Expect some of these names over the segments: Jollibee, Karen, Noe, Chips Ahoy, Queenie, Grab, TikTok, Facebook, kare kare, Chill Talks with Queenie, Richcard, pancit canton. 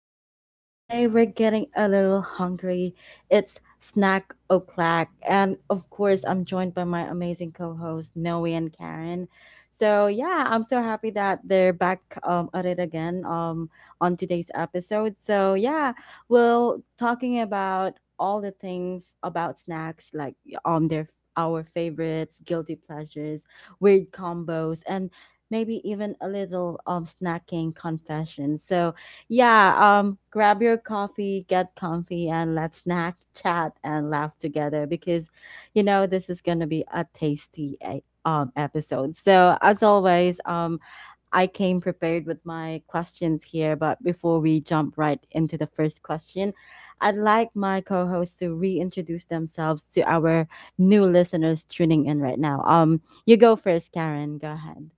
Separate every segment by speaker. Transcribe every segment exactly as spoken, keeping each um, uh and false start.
Speaker 1: Queenie. Today we're getting a little hungry. It's snack o'clock, and of course, I'm joined by my amazing co hosts, Noe and Karen. So, yeah, I'm so happy that they're back um, at it again um, on today's episode. So, yeah, we're talking about all the things about snacks, like um, their our favorites, guilty pleasures, weird combos, and maybe even a little um snacking confession. So yeah, um grab your coffee, get comfy and let's snack, chat and laugh together because you know this is going to be a tasty eh, um episode. So as always, um I came prepared with my questions here, but before we jump right into the first question, I'd like my co-hosts to reintroduce themselves to our new listeners tuning in right now. Um you go first, Karen. Go ahead.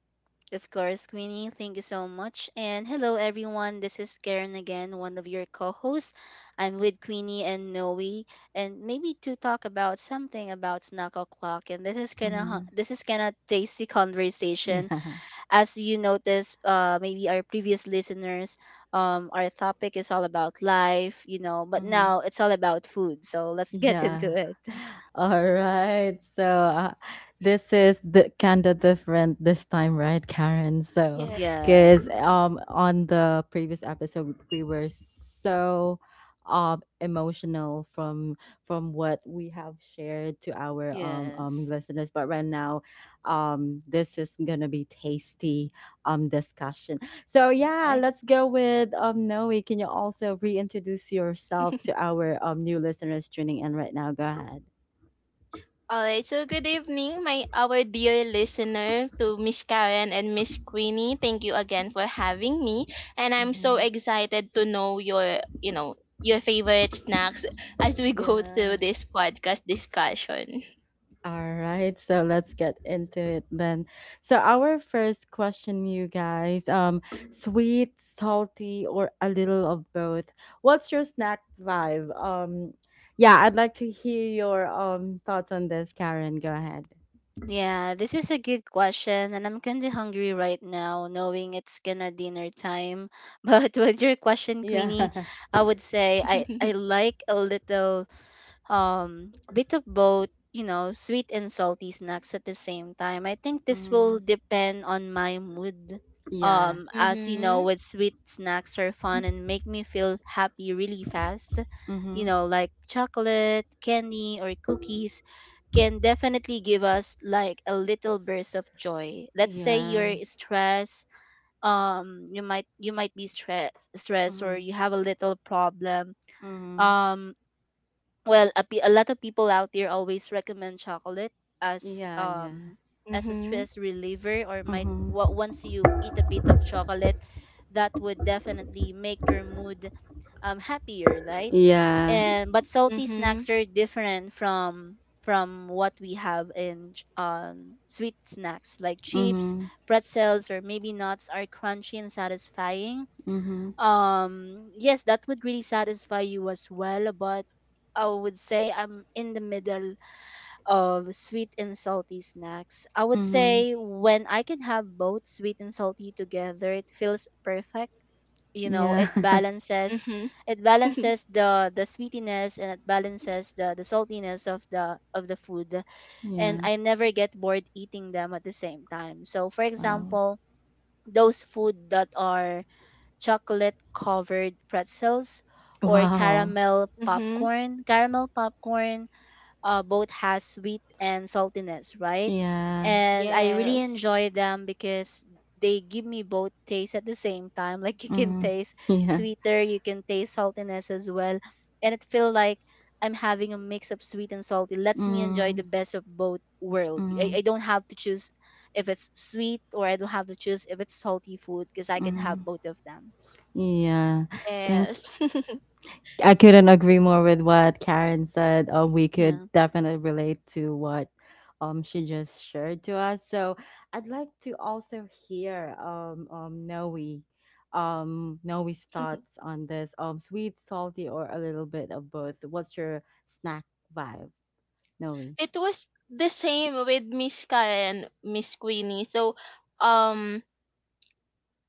Speaker 2: Of course, Queenie, thank you so much. And hello, everyone. This is Karen again, one of your co hosts. I'm with Queenie and Noe, and maybe to talk about something about snack o'clock. And this is kind of this is kind of tasty conversation.
Speaker 1: Yeah.
Speaker 2: As you notice, uh, maybe our previous listeners, um, our topic is all about life, you know, but now
Speaker 1: Mhm.
Speaker 2: it's all about food. So let's get
Speaker 1: Yeah.
Speaker 2: into it.
Speaker 1: All right. So uh, this is the kind of different this time, right, Karen? So
Speaker 3: Yes.
Speaker 2: Yeah.
Speaker 1: because um on the previous episode we were so um emotional from from what we have shared to our um um
Speaker 2: Yes.
Speaker 1: listeners, but right now um this is gonna be tasty um discussion. So yeah,
Speaker 2: Right.
Speaker 1: let's go with um Noe. Can you also reintroduce yourself to our um new listeners tuning in right now? Go ahead.
Speaker 3: All right. So good evening, my our dear listener to Miss Karen and Miss Queenie. Thank you again for having me, and I'm so
Speaker 1: Hmm.
Speaker 3: excited to know your you know your favorite snacks as we go
Speaker 1: Yeah.
Speaker 3: through this podcast discussion.
Speaker 1: All right. So let's get into it then. So our first question, you guys, um, sweet, salty, or a little of both. What's your snack vibe? Um, yeah, I'd like to hear your um thoughts on this, Karen. Go ahead.
Speaker 2: Yeah, this is a good question, and I'm kind of hungry right now, knowing it's gonna dinner time. But with your question, Queenie,
Speaker 1: Yeah.
Speaker 2: I would say I I like a little um bit of both, you know sweet and salty snacks at the same time. I think this will
Speaker 1: Mm,
Speaker 2: depend on my mood.
Speaker 1: yeah.
Speaker 2: Um as you know,
Speaker 3: mhm.
Speaker 2: with sweet snacks are fun and make me feel happy really fast, you
Speaker 1: Mm-hmm.
Speaker 2: know like chocolate candy or cookies, can definitely give us like a little burst of joy. Let's say you're
Speaker 1: Yeah.
Speaker 2: stressed, um you might you might be stressed stressed or you have a little problem.
Speaker 1: Mm.
Speaker 2: um well, a, pe- a lot of people out there always recommend chocolate as
Speaker 1: Yeah, yeah.
Speaker 2: um as a
Speaker 3: Mhm.
Speaker 2: stress reliever, or might
Speaker 1: Mhm.
Speaker 2: wa- once you eat a bit of chocolate, that would definitely make your mood um happier, right?
Speaker 1: Yeah.
Speaker 2: And but salty
Speaker 3: Mhm.
Speaker 2: snacks are different from from what we have in ch- um, sweet snacks like chips,
Speaker 1: Mhm.
Speaker 2: pretzels, or maybe nuts are crunchy and satisfying.
Speaker 1: Mhm.
Speaker 2: Um yes, that would really satisfy you as well, but I would say I'm in the middle of sweet and salty snacks. I would
Speaker 1: Mhm.
Speaker 2: say when I can have both sweet and salty together, it feels perfect. you know
Speaker 1: Yeah.
Speaker 2: it balances
Speaker 3: Mhm.
Speaker 2: it balances the the sweetiness, and it balances the the saltiness of the of the food. And
Speaker 1: Yeah.
Speaker 2: I never get bored eating them at the same time. So for
Speaker 1: Wow.
Speaker 2: example, those food that are chocolate covered pretzels or
Speaker 1: Wow.
Speaker 2: caramel
Speaker 3: mhm.
Speaker 2: popcorn. Caramel popcorn uh, both has sweet and saltiness, right?
Speaker 1: Yeah.
Speaker 2: And I really
Speaker 3: Yes.
Speaker 2: enjoy them because they give me both taste at the same time. Like you can
Speaker 1: Mm.
Speaker 2: taste
Speaker 1: Yeah.
Speaker 2: sweeter, you can taste saltiness as well. And it feel like I'm having a mix of sweet and salty. Lets me enjoy the
Speaker 1: Mm.
Speaker 2: best of both world. I,
Speaker 1: Mm.
Speaker 2: I don't have to choose if it's sweet, or I don't have to choose if it's salty food, because I can have
Speaker 1: Mm.
Speaker 2: both of them.
Speaker 1: Yeah. Thank
Speaker 3: Yes.
Speaker 1: I couldn't agree more with what Karen said. Um, we could
Speaker 2: Yeah.
Speaker 1: definitely relate to what um she just shared to us. So I'd like to also hear um um Noe um Noe's thoughts on this. Um sweet, salty, or a little bit of both. What's your snack vibe, Noe?
Speaker 3: It was the same with Miss Karen, Miss Queenie. So, um,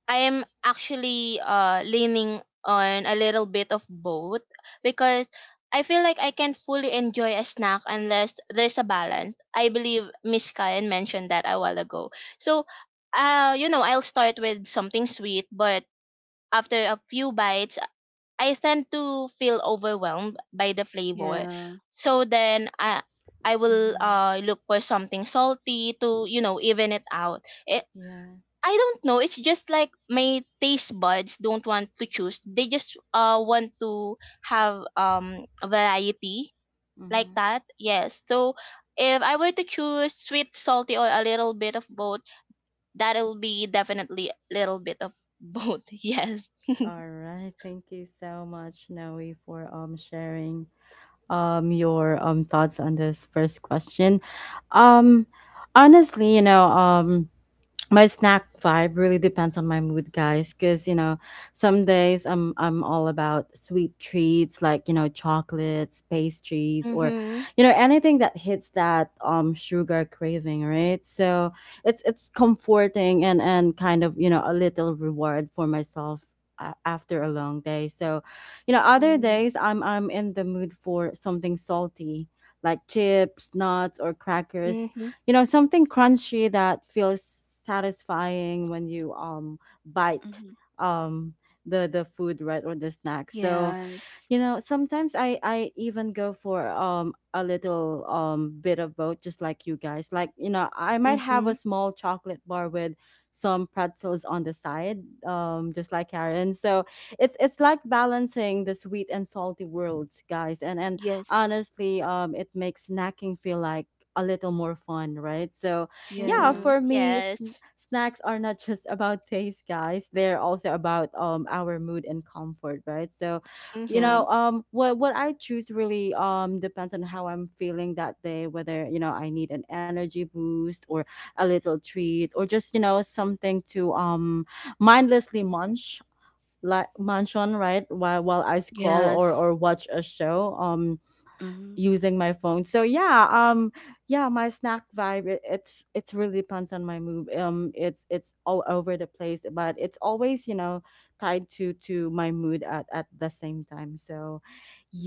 Speaker 3: I am actually uh leaning on a little bit of both because I feel like I can't fully enjoy a snack unless there's a balance. I believe Miss Karen mentioned that a while ago. So, uh, you know, I'll start with something sweet, but after a few bites, I tend to feel overwhelmed by the flavor.
Speaker 2: Yeah.
Speaker 3: So then I I will
Speaker 1: Mm-hmm.
Speaker 3: uh look for something salty to, you know, even it out. Eh,
Speaker 1: Yeah.
Speaker 3: I don't know. It's just like my taste buds don't want to choose. They just uh want to have um a variety like
Speaker 1: Mm-hmm.
Speaker 3: that. Yes. So if I were to choose sweet, salty, or a little bit of both, that'll be definitely a little bit of both. Yes.
Speaker 1: All right. Thank you so much, Noe, for um sharing um your um thoughts on this first question. Um honestly, you know, um my snack vibe really depends on my mood guys because you know some days i'm i'm all about sweet treats like, you know, chocolates, pastries, or
Speaker 3: Mhm.
Speaker 1: you know anything that hits that um sugar craving, right? So it's it's comforting and and kind of, you know, a little reward for myself a- after a long day. So you know, other
Speaker 3: Mm.
Speaker 1: days i'm i'm in the mood for something salty, like chips, nuts or crackers,
Speaker 3: Mhm.
Speaker 1: you know, something crunchy that feels satisfying when you um bite
Speaker 2: Mm-hmm.
Speaker 1: um the the food, right, or the snack. So
Speaker 2: Yes.
Speaker 1: you know, sometimes i i even go for um a little um bit of both, just like you guys. Like you know, I might have a
Speaker 3: Mhm.
Speaker 1: small chocolate bar with some pretzels on the side, um just like Karen. So it's it's like balancing the sweet and salty worlds, guys, and and
Speaker 2: Yes.
Speaker 1: honestly, um it makes snacking feel like a little more fun, right? So yeah,
Speaker 2: Yeah.
Speaker 3: Mhm.
Speaker 1: for me, sn-
Speaker 3: Yes.
Speaker 1: snacks are not just about taste, guys, they're also about um our mood and comfort, right? So you
Speaker 2: Yeah.
Speaker 3: Mhm.
Speaker 1: know, um what what I choose really um depends on how I'm feeling that day, whether you know, I need an energy boost or a little treat, or just you know something to um mindlessly munch like munch on, right, while while I scroll or
Speaker 2: Yes.
Speaker 1: or watch a show um
Speaker 2: Mm-hmm.
Speaker 1: using my phone. So yeah, um yeah, my snack vibe, it, it's it's really depends on my mood. Um it's it's all over the place, but it's always, you know, tied to to my mood at at the same time. So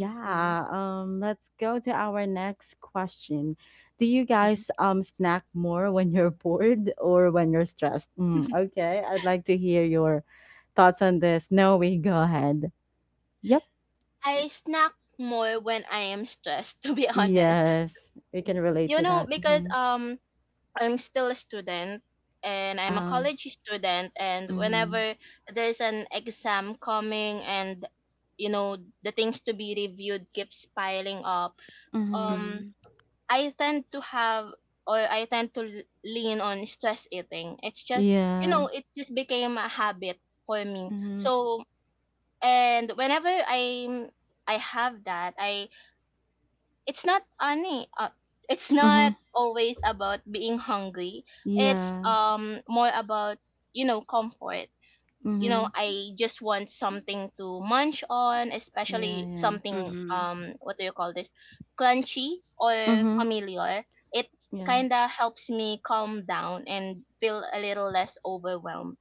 Speaker 3: Mhm.
Speaker 1: um let's go to our next question. Do you
Speaker 2: Mm-hmm.
Speaker 1: guys um snack more when you're bored or when you're stressed? Mm, okay, I'd like to hear your thoughts on this. No, we go ahead. Yep.
Speaker 3: I snack more when I am stressed. To be honest,
Speaker 1: Yes, we can relate
Speaker 3: you
Speaker 1: to
Speaker 3: know,
Speaker 1: that.
Speaker 3: because
Speaker 1: Mm-hmm.
Speaker 3: um I'm still a student, and I'm a
Speaker 1: Oh.
Speaker 3: college student, and
Speaker 1: Mhm.
Speaker 3: whenever there's an exam coming and, you know, the things to be reviewed keeps piling up,
Speaker 1: Mhm.
Speaker 3: um
Speaker 2: Mm-hmm.
Speaker 3: I tend to have, or I tend to l- lean on stress eating. It's just, you
Speaker 1: Yeah.
Speaker 3: know, it just became a habit for me.
Speaker 1: Mhm.
Speaker 3: So, and whenever I'm, I have that, I it's not any uh, it's not
Speaker 1: Mhm.
Speaker 3: always about being hungry. It's
Speaker 1: Yeah.
Speaker 3: um more about, you know, comfort. You know,
Speaker 1: Mhm.
Speaker 3: I just want something to munch on,
Speaker 1: Yeah,
Speaker 3: especially
Speaker 1: yeah.
Speaker 3: something,
Speaker 2: Mm-hmm.
Speaker 3: um what do you call this, crunchy or
Speaker 1: Mhm.
Speaker 3: familiar. It
Speaker 1: Yeah.
Speaker 3: kind of helps me calm down and feel a little less overwhelmed,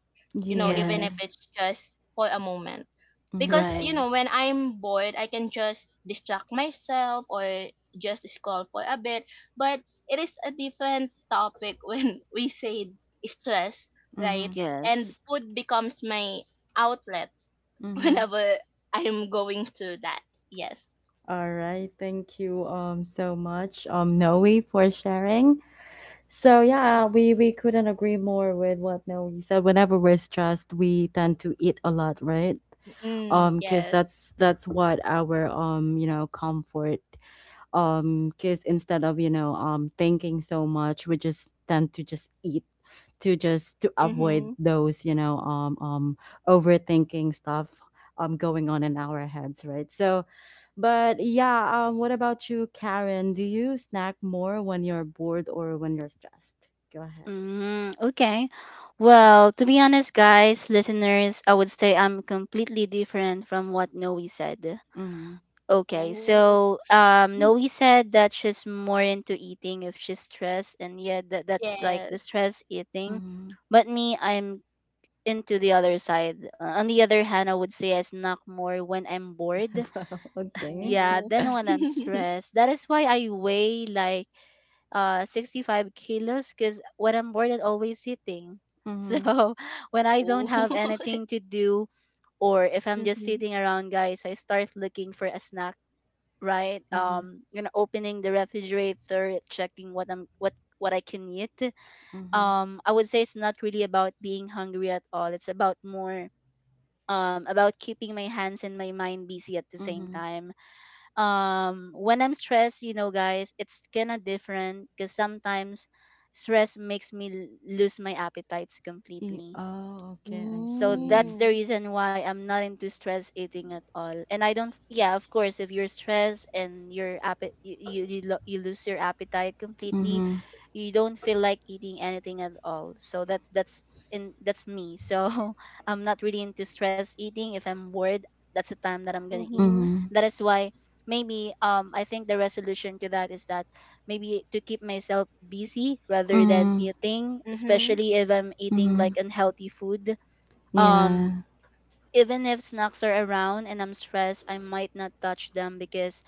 Speaker 3: you know, even
Speaker 1: Yeah.
Speaker 3: if it's
Speaker 2: Yes.
Speaker 3: just for a moment. Because,
Speaker 1: Mhm.
Speaker 3: you
Speaker 2: Right.
Speaker 3: know, when I'm bored I can just distract myself or just scroll for a bit. But it is a different topic when we say stress, right,
Speaker 1: Mhm.
Speaker 3: and
Speaker 2: Yes.
Speaker 3: food becomes my outlet
Speaker 1: Mhm.
Speaker 3: whenever I'm going through that. Yes.
Speaker 1: All right. Thank you um so much um Noe, for sharing. So yeah, we we couldn't agree more with what Noe said. Whenever we're stressed, we tend to eat a lot, right?
Speaker 3: Mm-hmm. Mm,
Speaker 1: Um cuz
Speaker 3: yes.
Speaker 1: that's that's what our um you know comfort, um because instead of you know um thinking so much, we just tend to just eat to just to avoid
Speaker 3: Mm-hmm.
Speaker 1: those, you know, um um overthinking stuff um going on in our heads, right? So but yeah, um what about you, Karen? Do you snack more when you're bored or when you're stressed? Go ahead.
Speaker 2: Mm, okay. Well, to be honest, guys, listeners, I would say I'm completely different from what Noe said. Okay,
Speaker 3: Ooh.
Speaker 2: so um, Noe said that she's more into eating if she's stressed, and yeah, that, that's like the
Speaker 3: Yes.
Speaker 2: stress eating.
Speaker 1: Mhm.
Speaker 2: But me, I'm into the other side. Uh, on the other hand, I would say I snack more when I'm bored.
Speaker 1: Wow, okay.
Speaker 2: Yeah,
Speaker 3: Ooh.
Speaker 2: then when I'm stressed. That is why I weigh like uh sixty-five kilos, because when I'm bored, I'm always sitting.
Speaker 1: Mhm,
Speaker 2: So when I
Speaker 3: Ooh.
Speaker 2: don't have anything to do, or if I'm just
Speaker 3: Mm-hmm.
Speaker 2: sitting around, guys, I start looking for a snack, right?
Speaker 1: mhm,
Speaker 2: Um, you know, opening the refrigerator, checking what I'm what what I can eat.
Speaker 1: mhm,
Speaker 2: Um, I would say it's not really about being hungry at all. It's about more um, about keeping my hands and my mind busy at the same
Speaker 1: mhm.
Speaker 2: time. Um, when I'm stressed, you know, guys, it's kind of different because sometimes stress makes me l- lose my appetites
Speaker 1: E-
Speaker 2: completely.
Speaker 1: oh, okay, I
Speaker 2: So that's
Speaker 1: see.
Speaker 2: the
Speaker 3: Mm.
Speaker 2: reason why I'm not into stress eating at all. And I don't, yeah, of course, if you're stressed and your appet, you, you, you, lo- you lose your appetite completely,
Speaker 1: Mhm,
Speaker 2: you don't feel like eating anything at all. So that's, that's, in that's me. So I'm not really into stress eating. If I'm bored, that's the time that I'm gonna eat.
Speaker 3: Mhm.
Speaker 1: mhm,
Speaker 2: That is why maybe um I think the resolution to that is that maybe to keep myself busy rather than
Speaker 1: mhm,
Speaker 2: eating,
Speaker 3: Mhm.
Speaker 2: especially if I'm eating
Speaker 1: mhm.
Speaker 2: like unhealthy food. um,
Speaker 1: Yeah.
Speaker 2: Even if snacks are around and I'm stressed, I might not touch them because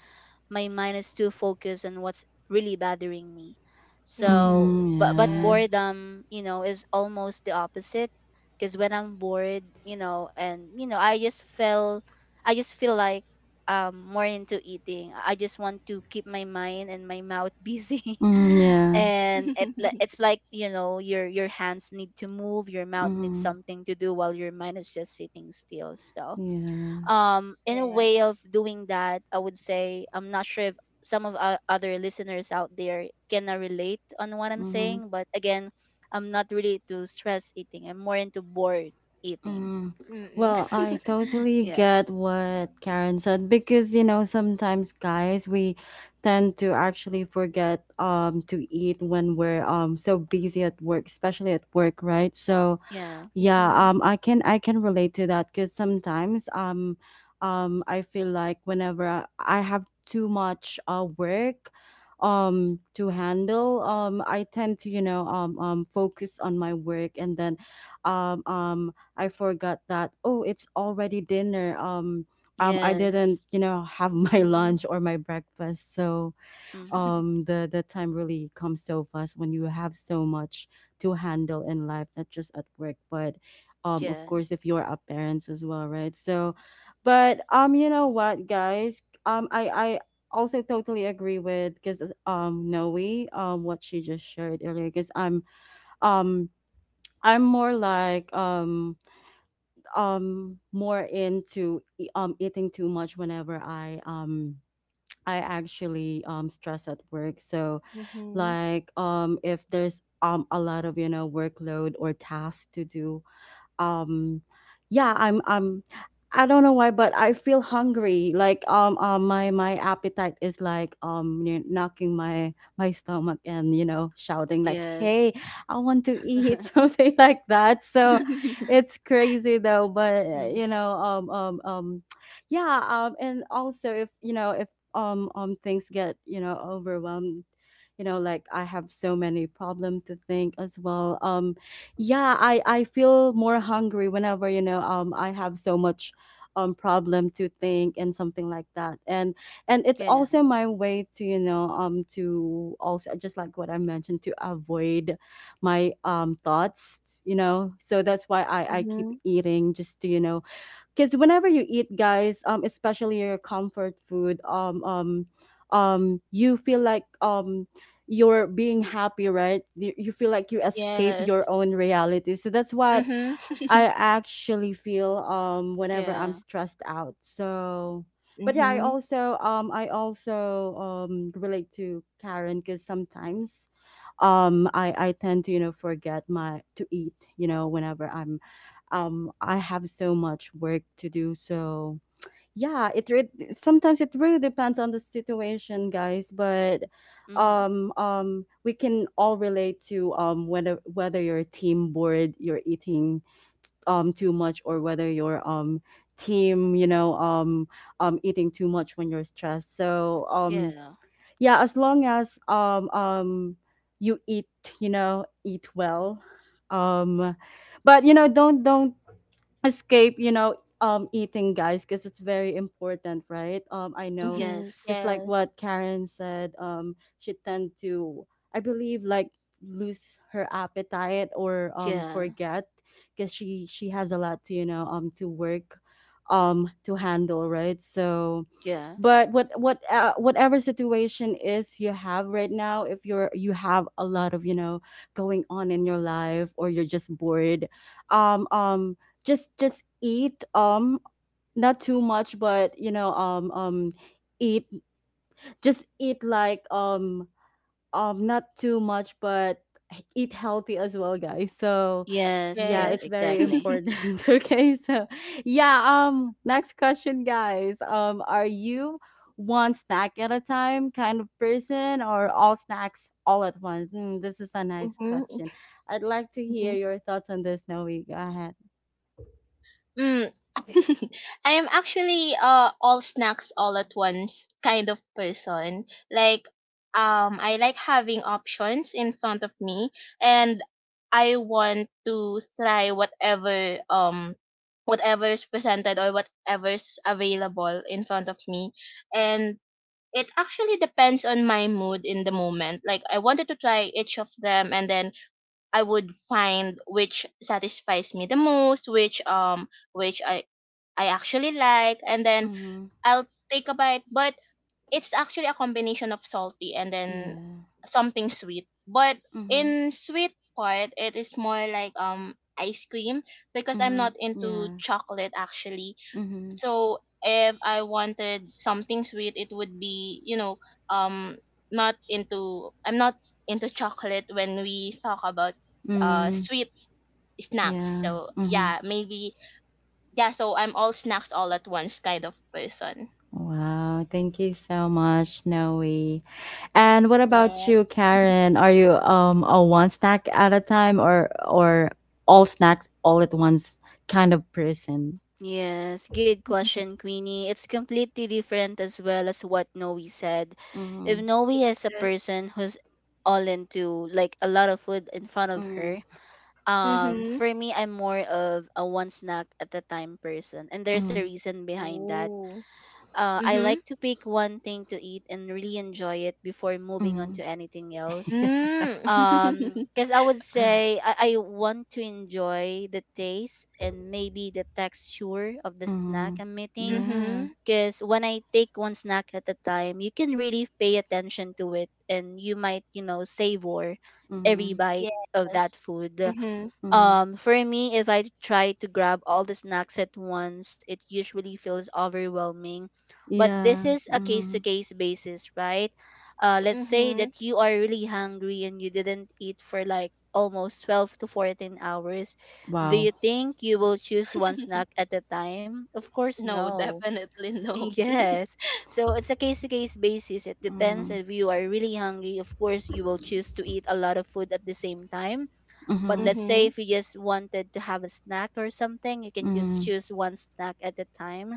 Speaker 2: my mind is too focused on what's really bothering me. So,
Speaker 3: Mhm.
Speaker 1: Mm,
Speaker 2: but but
Speaker 1: yeah.
Speaker 3: Yes.
Speaker 2: boredom, you know, is almost the opposite, because when I'm bored, you know, and you know, I just feel I just feel like um more into eating. I just want to keep my mind and my mouth busy.
Speaker 1: Mm, yeah.
Speaker 2: And it li- it's like, you know, your your hands need to move, your mouth needs
Speaker 1: Mm,
Speaker 2: something to do while your mind is just sitting still. So,
Speaker 1: yeah.
Speaker 2: um in a way
Speaker 3: Yes.
Speaker 2: of doing that, I would say I'm not sure if some of our other listeners out there can uh, relate on what I'm
Speaker 1: Mm-hmm.
Speaker 2: saying, but again, I'm not really to stress eating. I'm more into bored eating.
Speaker 1: Mm.
Speaker 3: Mm-mm.
Speaker 1: Well, I totally
Speaker 2: Yeah.
Speaker 1: get what Karen said, because you know sometimes guys, we tend to actually forget um to eat when we're um so busy at work, especially at work, right? So
Speaker 2: Yeah.
Speaker 1: yeah,
Speaker 3: Mhm.
Speaker 1: um i can I can relate to that, because sometimes um um I feel like whenever i I have too much uh work um to handle, um I tend to you know um um focus on my work, and then um um I forgot that, oh, it's already dinner, um um I didn't
Speaker 2: Yes.
Speaker 1: you know have my
Speaker 3: Mhm.
Speaker 1: lunch or my breakfast. So
Speaker 2: Mm-hmm.
Speaker 1: um the the time really comes so fast when you have so much to handle in life, not just at work, but um of
Speaker 2: Yeah.
Speaker 1: course if you're a parent as well, right? So but um you know what guys, um i I also totally agree with, because um Noe, um what she just shared earlier, because i'm um i'm more like um um more into e- um eating too much whenever i um I actually um stress at work. So
Speaker 3: Mhm.
Speaker 1: like um if there's um a lot of you know workload or tasks to do, um yeah, i'm i'm I don't know why, but I feel hungry, like um, um my my appetite is like, um you know, knocking my my stomach and you know shouting like,
Speaker 2: Yes.
Speaker 1: hey, I want to eat something like that. So it's crazy though, but uh,
Speaker 2: Hmm.
Speaker 1: you know um um um yeah, um and also if you know, if um um things get you know overwhelmed, you know like I have so many problem to think as well, um yeah, I i feel more hungry whenever you know um I have so much um problem to think and something like that. And and it's
Speaker 2: Yeah.
Speaker 1: also my way to you know um to also, just like what I mentioned, to avoid my um thoughts, you know. So that's why i i keep
Speaker 3: Mhm.
Speaker 1: eating, just to you know, because whenever you eat guys, um especially your comfort food, um um um you feel like um you're being happy, right? You you feel like you escape
Speaker 3: Yes.
Speaker 1: your own reality. So that's what
Speaker 3: Mhm.
Speaker 1: I actually feel um whenever
Speaker 2: Yeah.
Speaker 1: I'm stressed out. So, but yeah, I
Speaker 3: Mhm.
Speaker 1: also um I also um relate to Karen, because sometimes um I I tend to you know forget my to eat, you know, whenever I'm um I have so much work to do. So yeah, it re- sometimes it really depends on the situation, guys. But
Speaker 2: Hmm.
Speaker 1: um um we can all relate to um whether whether you're team bored, you're eating um too much, or whether your um team, you know, um um eating too much when you're stressed. So um
Speaker 2: Yeah.
Speaker 1: yeah, as long as um um you eat, you know, eat well, um but you know, don't don't escape, you know, um eating guys, because it's very important, right? um I know,
Speaker 3: Mhm.
Speaker 2: Yes.
Speaker 1: just like
Speaker 3: Yes.
Speaker 1: what Karen said, um she tend to, I believe, like lose her appetite, or um
Speaker 2: Yeah.
Speaker 1: forget, because she she has a lot to you know um to work, um to handle, right? So
Speaker 2: Yeah.
Speaker 1: but what what uh, whatever situation is you have right now, if you're you have a lot of you know going on in your life, or you're just bored, um um just just eat, um not too much, but you know, um um eat, just eat like, um um not too much, but eat healthy as well, guys. So
Speaker 2: Yes.
Speaker 1: yeah,
Speaker 2: Yep,
Speaker 1: it's
Speaker 3: Yes.
Speaker 1: very
Speaker 2: exactly.
Speaker 1: important. Okay, so yeah, um next question, guys, um are you one snack at a time kind of person, or all snacks all at once? Hmm, this is a nice
Speaker 3: Mhm.
Speaker 1: question. I'd like to hear
Speaker 3: Mhm.
Speaker 1: your thoughts on this, Noe. Go ahead.
Speaker 3: Mm. I am actually uh all snacks all at once kind of person. Like, um I like having options in front of me, and I want to try whatever um whatever's presented or whatever's available in front of me, and it actually depends on my mood in the moment. Like, I wanted to try each of them and then I would find which satisfies me the most, which um which I I actually like, and then
Speaker 1: Mm-hmm.
Speaker 3: I'll take a bite. But it's actually a combination of salty and then
Speaker 1: Yeah.
Speaker 3: something sweet. But
Speaker 1: Mm-hmm.
Speaker 3: in sweet part, it is more like um ice cream, because I'm
Speaker 1: Mm-hmm.
Speaker 3: not into
Speaker 1: Yeah.
Speaker 3: chocolate actually.
Speaker 1: Mm-hmm.
Speaker 3: So if I wanted something sweet, it would be, you know, um not into I'm not into chocolate when we talk about uh
Speaker 1: Mm-hmm.
Speaker 3: sweet snacks.
Speaker 1: Yeah.
Speaker 3: So
Speaker 1: Mm-hmm.
Speaker 3: yeah, maybe, yeah, so I'm all snacks all at once kind of person.
Speaker 1: Wow, thank you so much, Noe. And what about you,
Speaker 3: Yes.
Speaker 1: Karen? Are you um a one snack at a time, or or all snacks all at once kind of person?
Speaker 2: Yes, good question, Queenie. It's completely different as well as what Noe said. If
Speaker 1: Mm,
Speaker 2: Noe is a
Speaker 3: Yes.
Speaker 2: person who's all into like a lot of food in front of
Speaker 1: mm,
Speaker 2: her, um,
Speaker 3: Mhm.
Speaker 2: for me, I'm more of a one snack at a time person, and there's a
Speaker 1: mm,
Speaker 2: reason behind that.
Speaker 3: Ooh.
Speaker 2: Uh, I like
Speaker 3: Mhm.
Speaker 2: to pick one thing to eat and really enjoy it before moving on
Speaker 1: mm.
Speaker 2: to anything else, um
Speaker 3: Mm.
Speaker 2: because I would say, I, I want to enjoy the taste and maybe the texture of the snack
Speaker 1: Mm,
Speaker 2: I'm eating.
Speaker 1: yeah.
Speaker 3: Mhm.
Speaker 2: Because when I take one snack at a time, you can really pay attention to it, and you might you know savor every
Speaker 1: Mm,
Speaker 2: bite of that
Speaker 3: Yes.
Speaker 2: food.
Speaker 3: Mhm.
Speaker 1: mm,
Speaker 2: Um, for me, if I try to grab all the snacks at once, it usually feels overwhelming. But this
Speaker 1: yeah.
Speaker 2: is a case to
Speaker 1: Mm,
Speaker 2: case basis, right? Uh, let's say
Speaker 3: Mhm.
Speaker 2: that you are really hungry and you didn't eat for like almost twelve to fourteen hours. Do
Speaker 1: wow.
Speaker 2: you think you will choose one snack at a time? Of course,
Speaker 3: No,
Speaker 2: no.
Speaker 3: definitely no.
Speaker 2: Yes. So it's a case to case basis. It depends
Speaker 1: Mm,
Speaker 2: if you are really hungry. Of course, you will choose to eat a lot of food at the same time, but
Speaker 1: mm,
Speaker 2: let's say
Speaker 3: Mhm.
Speaker 2: if you just wanted to have a snack or something, you can just
Speaker 1: mm,
Speaker 2: choose one snack at a time.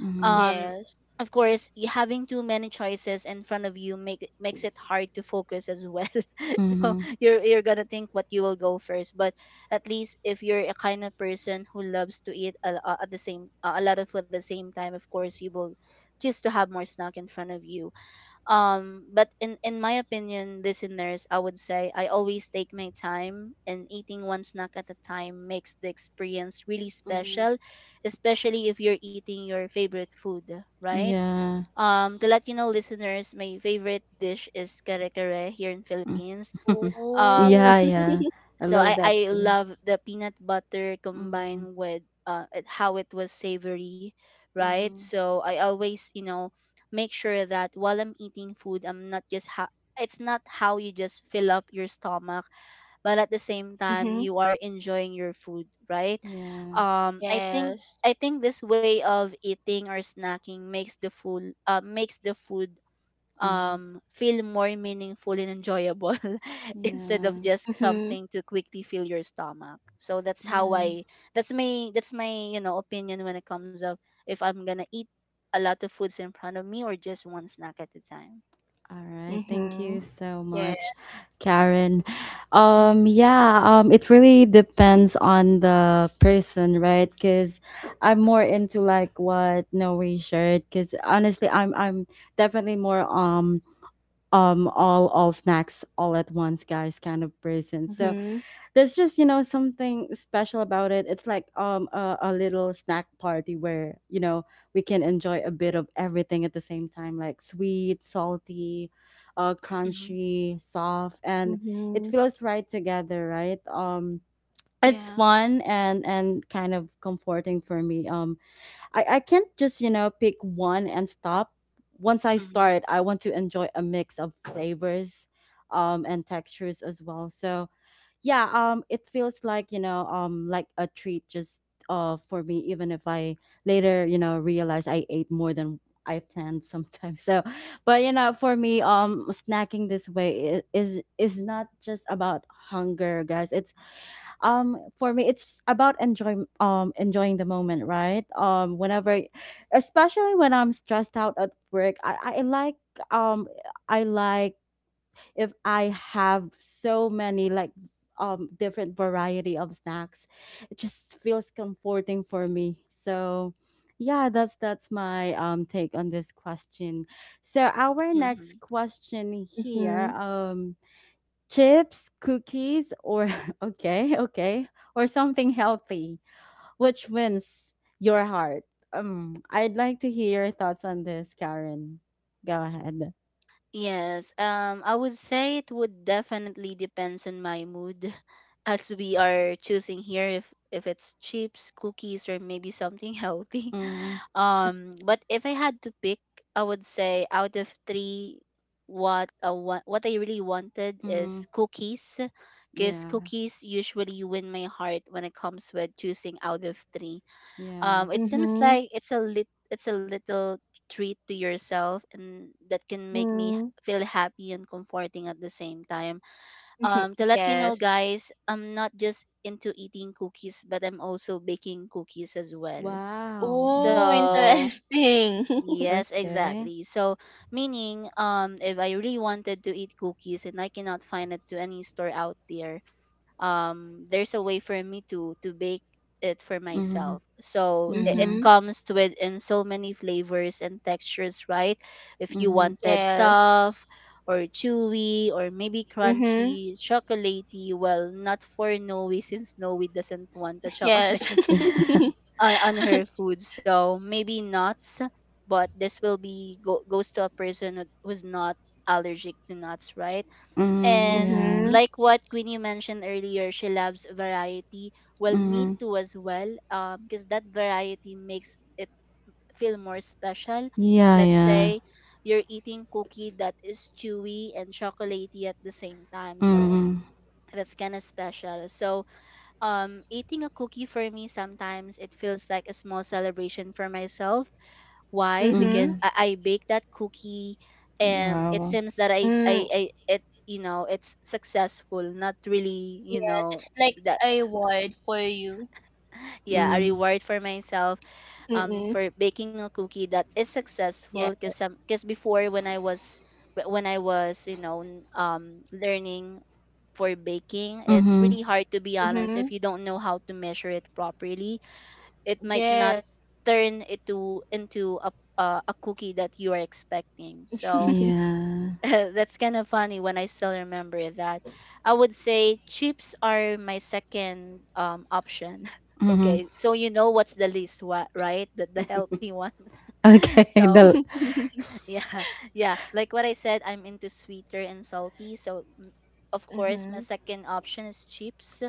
Speaker 1: mm,
Speaker 2: Um,
Speaker 3: Yes.
Speaker 2: of course, y- having too many choices in front of you make it- makes it hard to focus as well. So
Speaker 1: mm,
Speaker 2: you're you're gonna think what you will go first. But at least if you're a kind of person who loves to eat a, a, at the same a lot of food at the same time, of course you will choose to have more snack in front of you. Um but in in my opinion, listeners, I would say I always take my time, and eating one snack at a time makes the experience really
Speaker 1: mm,
Speaker 2: special, especially if you're eating your favorite food, right?
Speaker 1: yeah.
Speaker 2: Um to let you know, listeners, my favorite dish is kare kare here in Philippines.
Speaker 1: Mm.
Speaker 2: um
Speaker 3: Ooh.
Speaker 1: Yeah, yeah. I
Speaker 2: so I
Speaker 1: love
Speaker 2: I
Speaker 1: that too.
Speaker 2: love the peanut butter
Speaker 1: Mhm,
Speaker 2: combined with uh it- how it was savory, right?
Speaker 1: mhm.
Speaker 2: So I always you know make sure that while I'm eating food, I'm not just ha- it's not how you just fill up your stomach, but at the same time
Speaker 3: Mhm.
Speaker 2: you are enjoying your food, right?
Speaker 1: Yeah.
Speaker 2: Um, I think
Speaker 3: Yes.
Speaker 2: I think this way of eating or snacking makes the food uh makes the food
Speaker 1: Mhm.
Speaker 2: um, feel more meaningful and enjoyable. Instead of
Speaker 1: Yeah.
Speaker 2: just
Speaker 3: Mhm.
Speaker 2: something to quickly fill your stomach. So that's how
Speaker 1: Yeah.
Speaker 2: I that's my that's my you know opinion when it comes up, if I'm gonna eat a lot of foods in front of me or just one snack at a time.
Speaker 1: All right. Thank you
Speaker 3: Mhm.
Speaker 1: so
Speaker 3: Yeah.
Speaker 1: much, Karen. Um
Speaker 2: Mm-hmm.
Speaker 1: yeah, um it really depends on the person, right? Cuz I'm more into like what Noe shared cuz honestly, I'm I'm definitely more um um all all snacks all at once guys kind of person. So
Speaker 3: Mhm.
Speaker 1: there's just you know something special about it. It's like um a, a little snack party where you know we can enjoy a bit of everything at the same time, like sweet, salty, uh,
Speaker 2: Mm-hmm.
Speaker 1: crunchy, soft, and it
Speaker 3: Mhm.
Speaker 1: feels right together, right? um it's
Speaker 2: Yeah.
Speaker 1: fun and and kind of comforting for me. um i i can't just you know pick one and stop. Once I
Speaker 2: Mm-hmm.
Speaker 1: start, I want to enjoy a mix of flavors um and textures as well. So yeah, um it feels like you know um like a treat, just uh for me, even if I later you know realize I ate more than I planned sometimes. So but you know for me, um snacking this way i- is is not just about hunger, guys. It's um for me it's about enjoying um enjoying the moment, right? um whenever especially when I'm stressed out at work, i i like um I like if I have so many, like, um different variety of snacks. It just feels comforting for me. So yeah, that's that's my um take on this question. So our
Speaker 2: Mm-hmm.
Speaker 1: next question here,
Speaker 3: Mhm.
Speaker 1: um chips, cookies, or okay, okay, or something healthy. Which wins your heart? Um I'd like to hear your thoughts on this, Karen. Go ahead.
Speaker 2: Yes, um, I would say it would definitely depends on my mood, as we are choosing here if if it's chips, cookies, or maybe something healthy.
Speaker 1: Mm,
Speaker 2: Um, but if I had to pick, I would say out of three, what I want, what I really wanted is
Speaker 1: mm,
Speaker 2: cookies, because
Speaker 1: yeah.
Speaker 2: cookies usually win my heart when it comes with choosing out of three.
Speaker 1: Yeah.
Speaker 2: Um it seems
Speaker 3: Mhm.
Speaker 2: like it's a lit it's a little treat to yourself, and that can
Speaker 3: Mm.
Speaker 2: make me h-
Speaker 3: Mhm.
Speaker 2: feel happy and comforting at the same time. Um to let you know,
Speaker 3: Yes.
Speaker 2: guys, I'm not just into eating cookies, but I'm also baking cookies as well.
Speaker 1: Wow.
Speaker 3: Oh,
Speaker 1: Mm.
Speaker 2: So
Speaker 3: interesting.
Speaker 2: yes,
Speaker 1: Okay.
Speaker 2: exactly. So meaning, um if I really wanted to eat cookies and I cannot find it to any store out there, um, there's a way for me to to bake it for
Speaker 1: Mhm.
Speaker 2: myself. So i- it
Speaker 1: Yeah.
Speaker 3: Mhm.
Speaker 2: comes with in so many flavors and textures, right? If you
Speaker 1: Mhm.
Speaker 2: wanted
Speaker 3: Yes.
Speaker 2: soft or chewy or maybe
Speaker 3: Mhm.
Speaker 2: crunchy, chocolatey, well, not for Noe since Noe doesn't want the chocolate
Speaker 3: Yes.
Speaker 1: Yeah.
Speaker 2: on, on her food. So maybe nuts, but this will be go, goes to a person who- who's not allergic to nuts, right?
Speaker 1: Mhm.
Speaker 2: And
Speaker 1: Yeah.
Speaker 3: Mhm.
Speaker 2: like what Queenie mentioned earlier, she loves variety. Well, me
Speaker 1: Mhm.
Speaker 2: too as well, because that variety makes it feel more special.
Speaker 1: Yeah.
Speaker 2: Let's
Speaker 1: Yeah.
Speaker 2: say you're eating cookie that is chewy and chocolatey at the same time. So
Speaker 1: Mhm.
Speaker 2: that's kind of special. So um, eating a cookie for me sometimes it feels like a small celebration for myself why? Because
Speaker 3: Mhm.
Speaker 1: Mhm.
Speaker 2: I, I baked that cookie and it
Speaker 1: Wow.
Speaker 2: seems that I,
Speaker 3: Mm,
Speaker 2: I, I it you know it's successful, not really, you
Speaker 3: yes,
Speaker 2: know
Speaker 3: it's like
Speaker 2: that
Speaker 3: a reward for you.
Speaker 2: yeah, a
Speaker 1: Mhm.
Speaker 2: reward for myself um
Speaker 3: Mm-mm.
Speaker 2: for baking a cookie that is successful
Speaker 3: Yeah.
Speaker 2: because um because before when I was but when I was you know n- um learning for baking. It's
Speaker 1: Mhm.
Speaker 2: really hard to be honest if
Speaker 3: Mhm.
Speaker 2: you don't know how to measure it properly. It might not
Speaker 3: Yeah.
Speaker 2: turn it to into a uh, a cookie that you are expecting. So
Speaker 1: Yeah.
Speaker 2: that's kind of funny when I still remember that. I would say chips are my second um option.
Speaker 1: Mhm.
Speaker 2: Okay, so you know what's the least what right? The the healthy ones.
Speaker 1: Okay.
Speaker 2: so
Speaker 1: The.
Speaker 2: yeah, yeah. Like what I said, I'm into sweeter and salty. So m- of course, my
Speaker 3: Mhm.
Speaker 2: second option is chips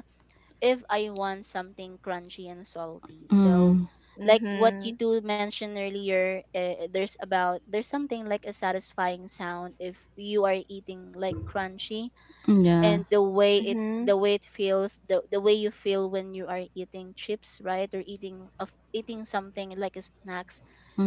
Speaker 2: if I want something crunchy and salty. So,
Speaker 1: Mm.
Speaker 2: like what you
Speaker 3: Mhm.
Speaker 2: two mentioned earlier, uh, there's about there's something like a satisfying sound if you are eating like crunchy,
Speaker 1: Yeah.
Speaker 2: and the way it
Speaker 3: Mhm.
Speaker 2: the way it feels, the the way you feel when you are eating chips, right? Or eating of eating something like a snacks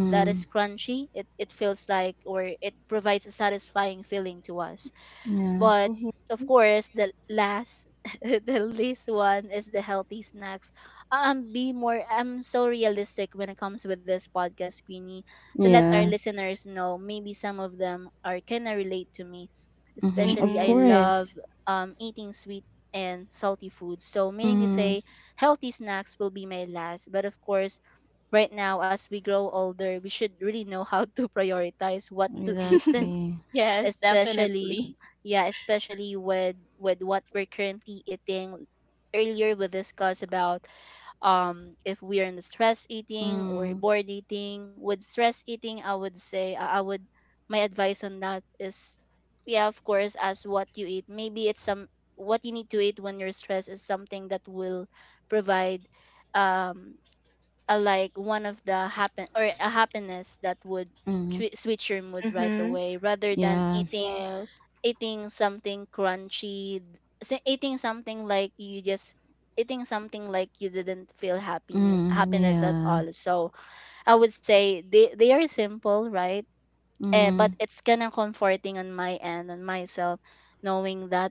Speaker 2: that is crunchy. It it feels like, or it provides a satisfying feeling to us.
Speaker 1: Yeah.
Speaker 2: But
Speaker 3: Mhm.
Speaker 2: of course, the last, the least one is the healthy snacks. Um, be more. I'm so realistic when it comes with this podcast, Queenie, to let our
Speaker 1: Yeah.
Speaker 2: listeners know. Maybe some of them are kinda relate to me.
Speaker 1: Mhm.
Speaker 2: Especially,
Speaker 1: Of
Speaker 2: I
Speaker 3: Mhm.
Speaker 2: love
Speaker 1: course.
Speaker 2: um eating sweet and salty food. So meaning to
Speaker 1: Mm.
Speaker 2: say, healthy snacks will be my last. But of course, right now as we grow older, we should really know how to prioritize what to eat.
Speaker 1: Exactly.
Speaker 3: Yes,
Speaker 2: Especially
Speaker 3: definitely.
Speaker 2: yeah, especially with with what we're currently eating. Earlier we discussed about um if we are in stress eating or
Speaker 1: Mm.
Speaker 2: bored eating. With stress eating, I would say i I would, my advice on that is, yeah, of course as what you eat, maybe it's some, what you need to eat when you're stressed is something that will provide um a, like one of the happen, or a happiness that would
Speaker 1: Mhm.
Speaker 2: twi- switch your mood right
Speaker 3: Mhm.
Speaker 2: away, rather than
Speaker 1: Yeah.
Speaker 2: eating
Speaker 3: Yes.
Speaker 2: eating something crunchy, s- eating something like you just, eating something like you didn't feel happiness
Speaker 1: Mm.
Speaker 2: happiness at
Speaker 1: Yeah.
Speaker 2: all. So I would say they they are simple, right? Eh, but
Speaker 1: Mm.
Speaker 2: it's kind of comforting on my end, on myself, knowing that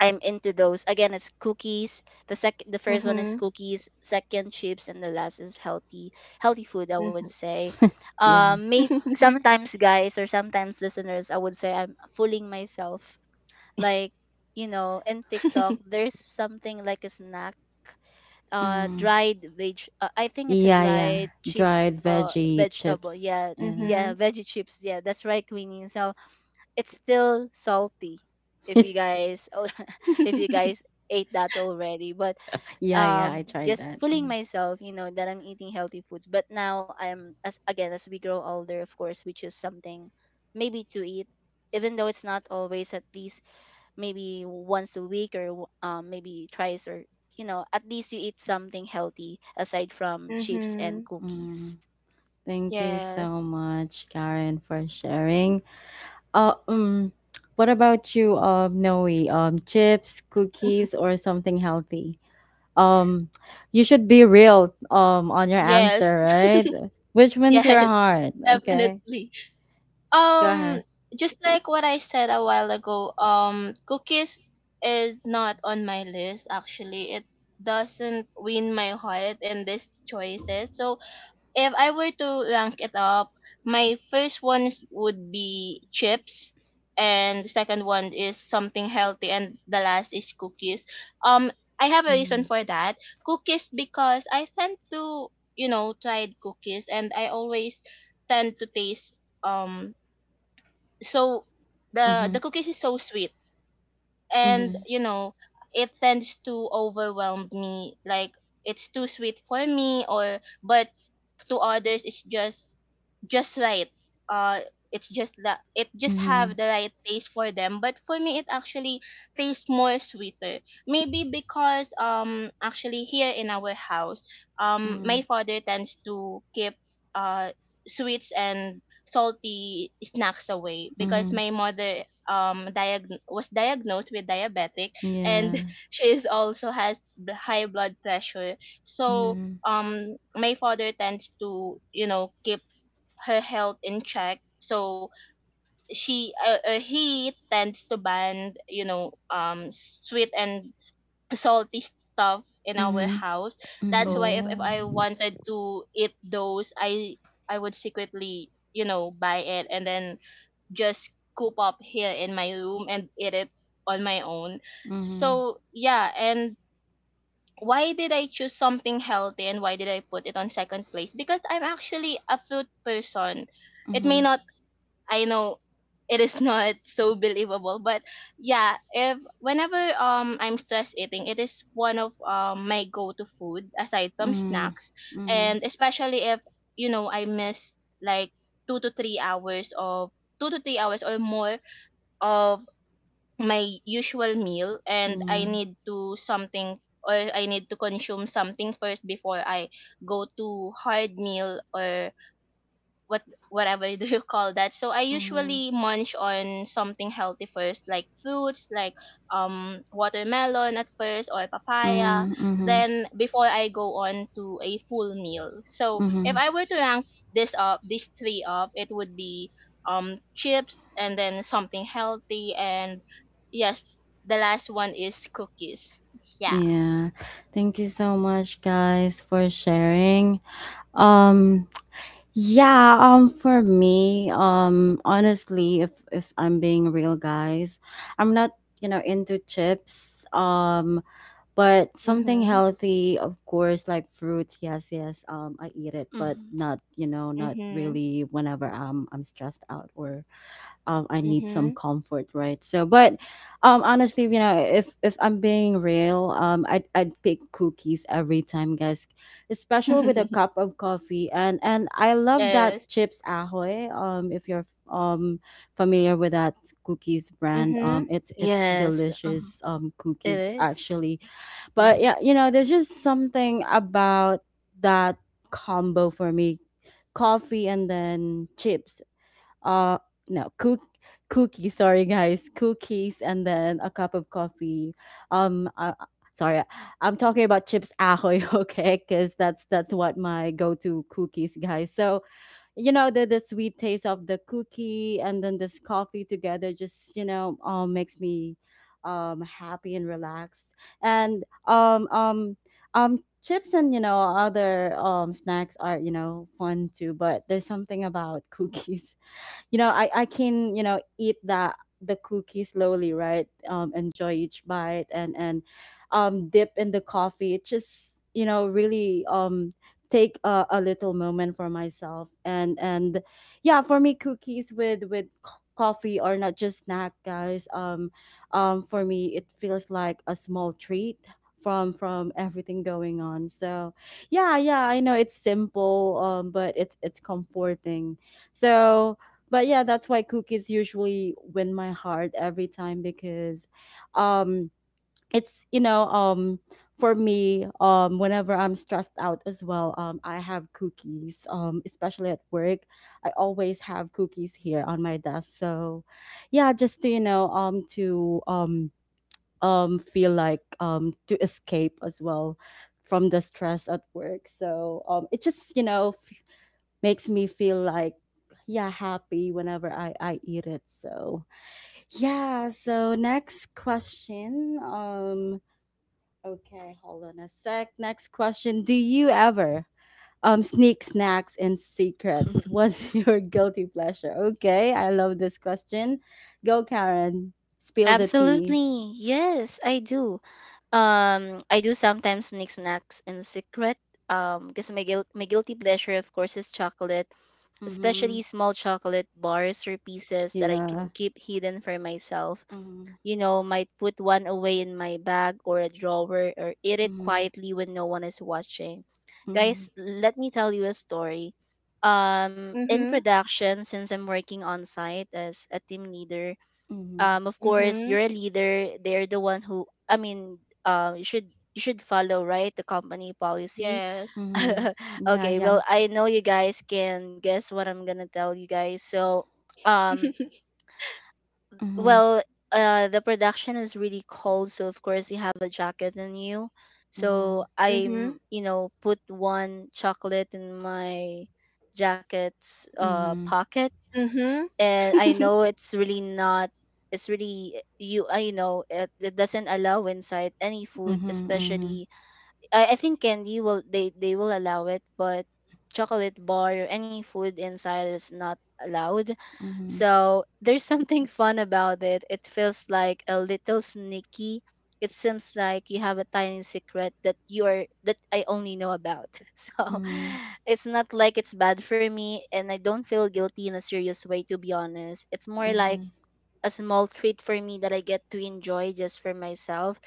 Speaker 2: I'm into those. Again, it's cookies. The sec the first one is
Speaker 3: Mhm.
Speaker 2: cookies, second chips, and the last is healthy healthy food. I would
Speaker 3: Mhm.
Speaker 2: say,
Speaker 1: Yeah.
Speaker 2: um, maybe sometimes guys or sometimes listeners, I would say I'm fooling myself like, you know, in TikTok there's something like a snack, uh
Speaker 1: Mm,
Speaker 2: dried veg uh, I think it's a
Speaker 1: yeah, yeah.
Speaker 2: dried chips,
Speaker 1: Dried
Speaker 2: uh
Speaker 1: veggie
Speaker 2: vegetable,
Speaker 1: chips.
Speaker 2: yeah,
Speaker 1: Yeah.
Speaker 2: yeah,
Speaker 3: Mhm.
Speaker 2: veggie chips, yeah, that's right, Queenie. So it's still salty if you guys al- if you
Speaker 3: Mhm.
Speaker 2: guys ate that already. But
Speaker 1: Yeah, yeah, I
Speaker 2: um
Speaker 1: tried
Speaker 2: just
Speaker 1: that.
Speaker 2: fooling
Speaker 1: Mm.
Speaker 2: myself, you know, that I'm eating healthy foods. But now I'm, as again, as we grow older, of course we choose something maybe to eat, even though it's not always, at least maybe once a week, or w- um, maybe twice, or you know, at least you eat something healthy aside from chips and
Speaker 1: Mm.
Speaker 2: cookies.
Speaker 1: Thank you so
Speaker 3: Yes.
Speaker 1: much, Karen, for sharing. Uh, um, what about you, um, Noe? Um, chips, cookies, or something healthy? Um, you should be real, um, on your
Speaker 3: Yes.
Speaker 1: answer, right? Which wins your
Speaker 3: Yes,
Speaker 1: heart? Okay,
Speaker 3: definitely.
Speaker 1: go
Speaker 3: Um,
Speaker 1: ahead.
Speaker 3: just like what I said a while ago, um, cookies is not on my list actually. It doesn't win my heart in these choices. So if I were to rank it up, my first one is- would be chips, and the second one is something healthy, and the last is cookies. Um, I have a
Speaker 1: Mm-hmm,
Speaker 3: reason for that. Cookies, because I tend to, you know, tried cookies, and I always tend to taste um so the
Speaker 1: mm-hmm,
Speaker 3: the cookies is so sweet,
Speaker 1: mm-hmm,
Speaker 3: and you know it tends to overwhelm me. Like, it's too sweet for me, or, but to others it's just just right. Uh, it's just that it just have
Speaker 1: mm-hmm,
Speaker 3: the right taste for them. But for me, it actually tastes more sweeter. Maybe because, um actually here in our house, um
Speaker 1: mm-hmm,
Speaker 3: my father tends to keep uh sweets and salty snacks away, because
Speaker 1: Mm-hmm.
Speaker 3: my mother um diag- was diagnosed with diabetic, and
Speaker 1: Yeah.
Speaker 3: she is also has b- high blood pressure. So,
Speaker 1: Mm-hmm.
Speaker 3: um my father tends to, you know, keep her health in check. So she, uh, uh, he tends to ban, you know, um sweet and salty stuff in our
Speaker 1: Mhm.
Speaker 3: house. That's
Speaker 1: Mhm.
Speaker 3: why, if, if
Speaker 2: Oh.
Speaker 3: I wanted to eat those, I I would secretly, you know, buy it and then just coop up here in my room and eat it on my own.
Speaker 1: Mhm.
Speaker 3: So yeah, and why did I choose something healthy and why did I put it on second place? Because I'm actually a fruit person. It may
Speaker 1: Mhm.
Speaker 3: not, I know it is not so believable, but yeah, if, whenever, um I'm stress eating, it is one of um my go-to food aside from
Speaker 1: Mhm.
Speaker 3: snacks,
Speaker 1: Mhm.
Speaker 3: and especially if, you know, I miss like two to three hours of two to three hours or more of my usual meal, and I
Speaker 1: Yeah.
Speaker 3: need to something, or I need to consume something first before I go to hard meal or what whatever do you call that. So I
Speaker 1: Mhm.
Speaker 3: usually munch on something healthy first, like fruits, like um watermelon at first or papaya.
Speaker 1: Mhm. Mhm.
Speaker 3: Then before I go on to a full meal. So if
Speaker 1: Mhm.
Speaker 3: I were to rank this up, these three up, it would be um chips and then something healthy, and yes, the last one is cookies. Yeah.
Speaker 1: Yeah. Thank you so much guys for sharing. Um yeah, um for me, um honestly, if if I'm being real guys, I'm not, you know, into chips. Um but something
Speaker 3: Mhm.
Speaker 1: healthy of course, like fruits, yes, yes, um I eat it, but
Speaker 2: Hmm.
Speaker 1: not you know not
Speaker 3: Mhm.
Speaker 1: really whenever i'm i'm stressed out or um I need some
Speaker 3: Mhm.
Speaker 1: comfort, right? So but um honestly, you know, if if i'm being real, um i'd, I'd pick cookies every time, guys, especially with a cup of coffee, and and I love that
Speaker 3: Yes.
Speaker 1: Chips Ahoy, um if you're um familiar with that cookies brand. um
Speaker 3: Mhm.
Speaker 1: it's it's
Speaker 2: Yes, mhm,
Speaker 1: delicious, um
Speaker 2: it
Speaker 1: cookies
Speaker 2: is.
Speaker 1: actually. But
Speaker 2: Mhm.
Speaker 1: yeah, you know, there's just something about that combo for me. Coffee and then chips. Uh no, cook cookies, sorry guys. Cookies and then a cup of coffee. Um uh, sorry. I'm talking about Chips Ahoy, okay? Cuz that's that's what my go-to cookies, guys. So, you know, the the sweet taste of the cookie and then this coffee together just you know um makes me um happy and relaxed. And um um um chips and you know other um snacks are you know fun too, but there's something about cookies. You know, i i can, you know, eat the the cookie slowly, right? um enjoy each bite, and and um dip in the coffee. It just you know really um take a, a little moment for myself, and and yeah, for me, cookies with with co- coffee are not just snack, guys. um um for me, it feels like a small treat from from everything going on. So yeah, yeah, I know it's simple, um but it's it's comforting. So but yeah, that's why cookies usually win my heart every time because um it's you know um for me, um whenever I'm stressed out as well, um I have cookies, um especially at work. I always have cookies here on my desk. So yeah, just to you know um to um um feel like um to escape as well from the stress at work. So um it just you know makes me feel like yeah, happy, whenever i i eat it. So yeah, so next question, um okay, hold on a sec, next question. Do you ever um sneak snacks in secrets? What's your guilty pleasure? Okay, I love this question. Go, Karen, spill the tea.
Speaker 2: Absolutely, yes, I do. Um, I do sometimes sneak snacks in secret. Um, because my guil- my guilty pleasure, of course, is chocolate, especially
Speaker 1: Mm-hmm,
Speaker 2: small chocolate bars or pieces that I can
Speaker 1: yeah,
Speaker 2: keep hidden for myself.
Speaker 1: mm-hmm,
Speaker 2: You know, might put one away in my bag or a drawer, or eat it
Speaker 1: mm-hmm,
Speaker 2: quietly when no one is watching. Guys,
Speaker 1: mm-hmm,
Speaker 2: let me tell you a story. Um, in
Speaker 3: Mhm.
Speaker 2: production, since I'm working on site as a team leader,
Speaker 1: mm-hmm,
Speaker 2: um of course you're
Speaker 3: Mhm.
Speaker 2: a leader, they're the one who, I mean, um you should, you should follow right the company policy.
Speaker 3: Yes.
Speaker 1: Mm-hmm. Yeah,
Speaker 2: Okay,
Speaker 1: yeah,
Speaker 2: well I know you guys can guess what I'm gonna tell you guys. So um
Speaker 1: mm-hmm,
Speaker 2: well, uh the production is really cold, so of course you have a jacket on you. So
Speaker 3: Mhm.
Speaker 2: I'm, you know, put one chocolate in my jacket's uh
Speaker 1: mm-hmm,
Speaker 2: pocket.
Speaker 3: Mhm.
Speaker 2: And I know it's really not, it's really you, I know it, it doesn't allow inside any food,
Speaker 1: Mhm, mhm,
Speaker 2: especially, I, I think candy will, they they will allow it, but chocolate bar or any food inside is not allowed.
Speaker 1: mhm,
Speaker 2: So there's something fun about it. It feels like a little sneaky. It seems like you have a tiny secret that you are, that I only know about. So
Speaker 1: mhm,
Speaker 2: it's not like it's bad for me, and I don't feel guilty in a serious way to be honest. It's more like
Speaker 1: mhm,
Speaker 2: a small treat for me that I get to enjoy just for myself.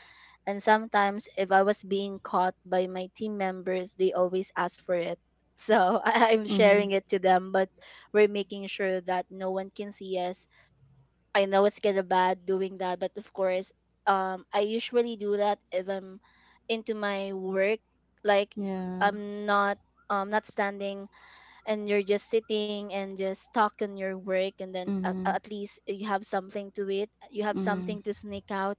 Speaker 2: And sometimes, if I was being caught by my team members, they always ask for it. So I- I'm
Speaker 1: mhm.
Speaker 2: sharing it to them, but we're making sure that no one can see us. I know it's kind of bad doing that, but of course, um, I usually do that if I'm into my work. Like
Speaker 1: Yeah.
Speaker 2: I'm not, um, not standing, and you're just sitting and just talk on your work, and then at,
Speaker 1: Mhm,
Speaker 2: at least you have something to it. You have
Speaker 1: mhm,
Speaker 2: something to sneak out,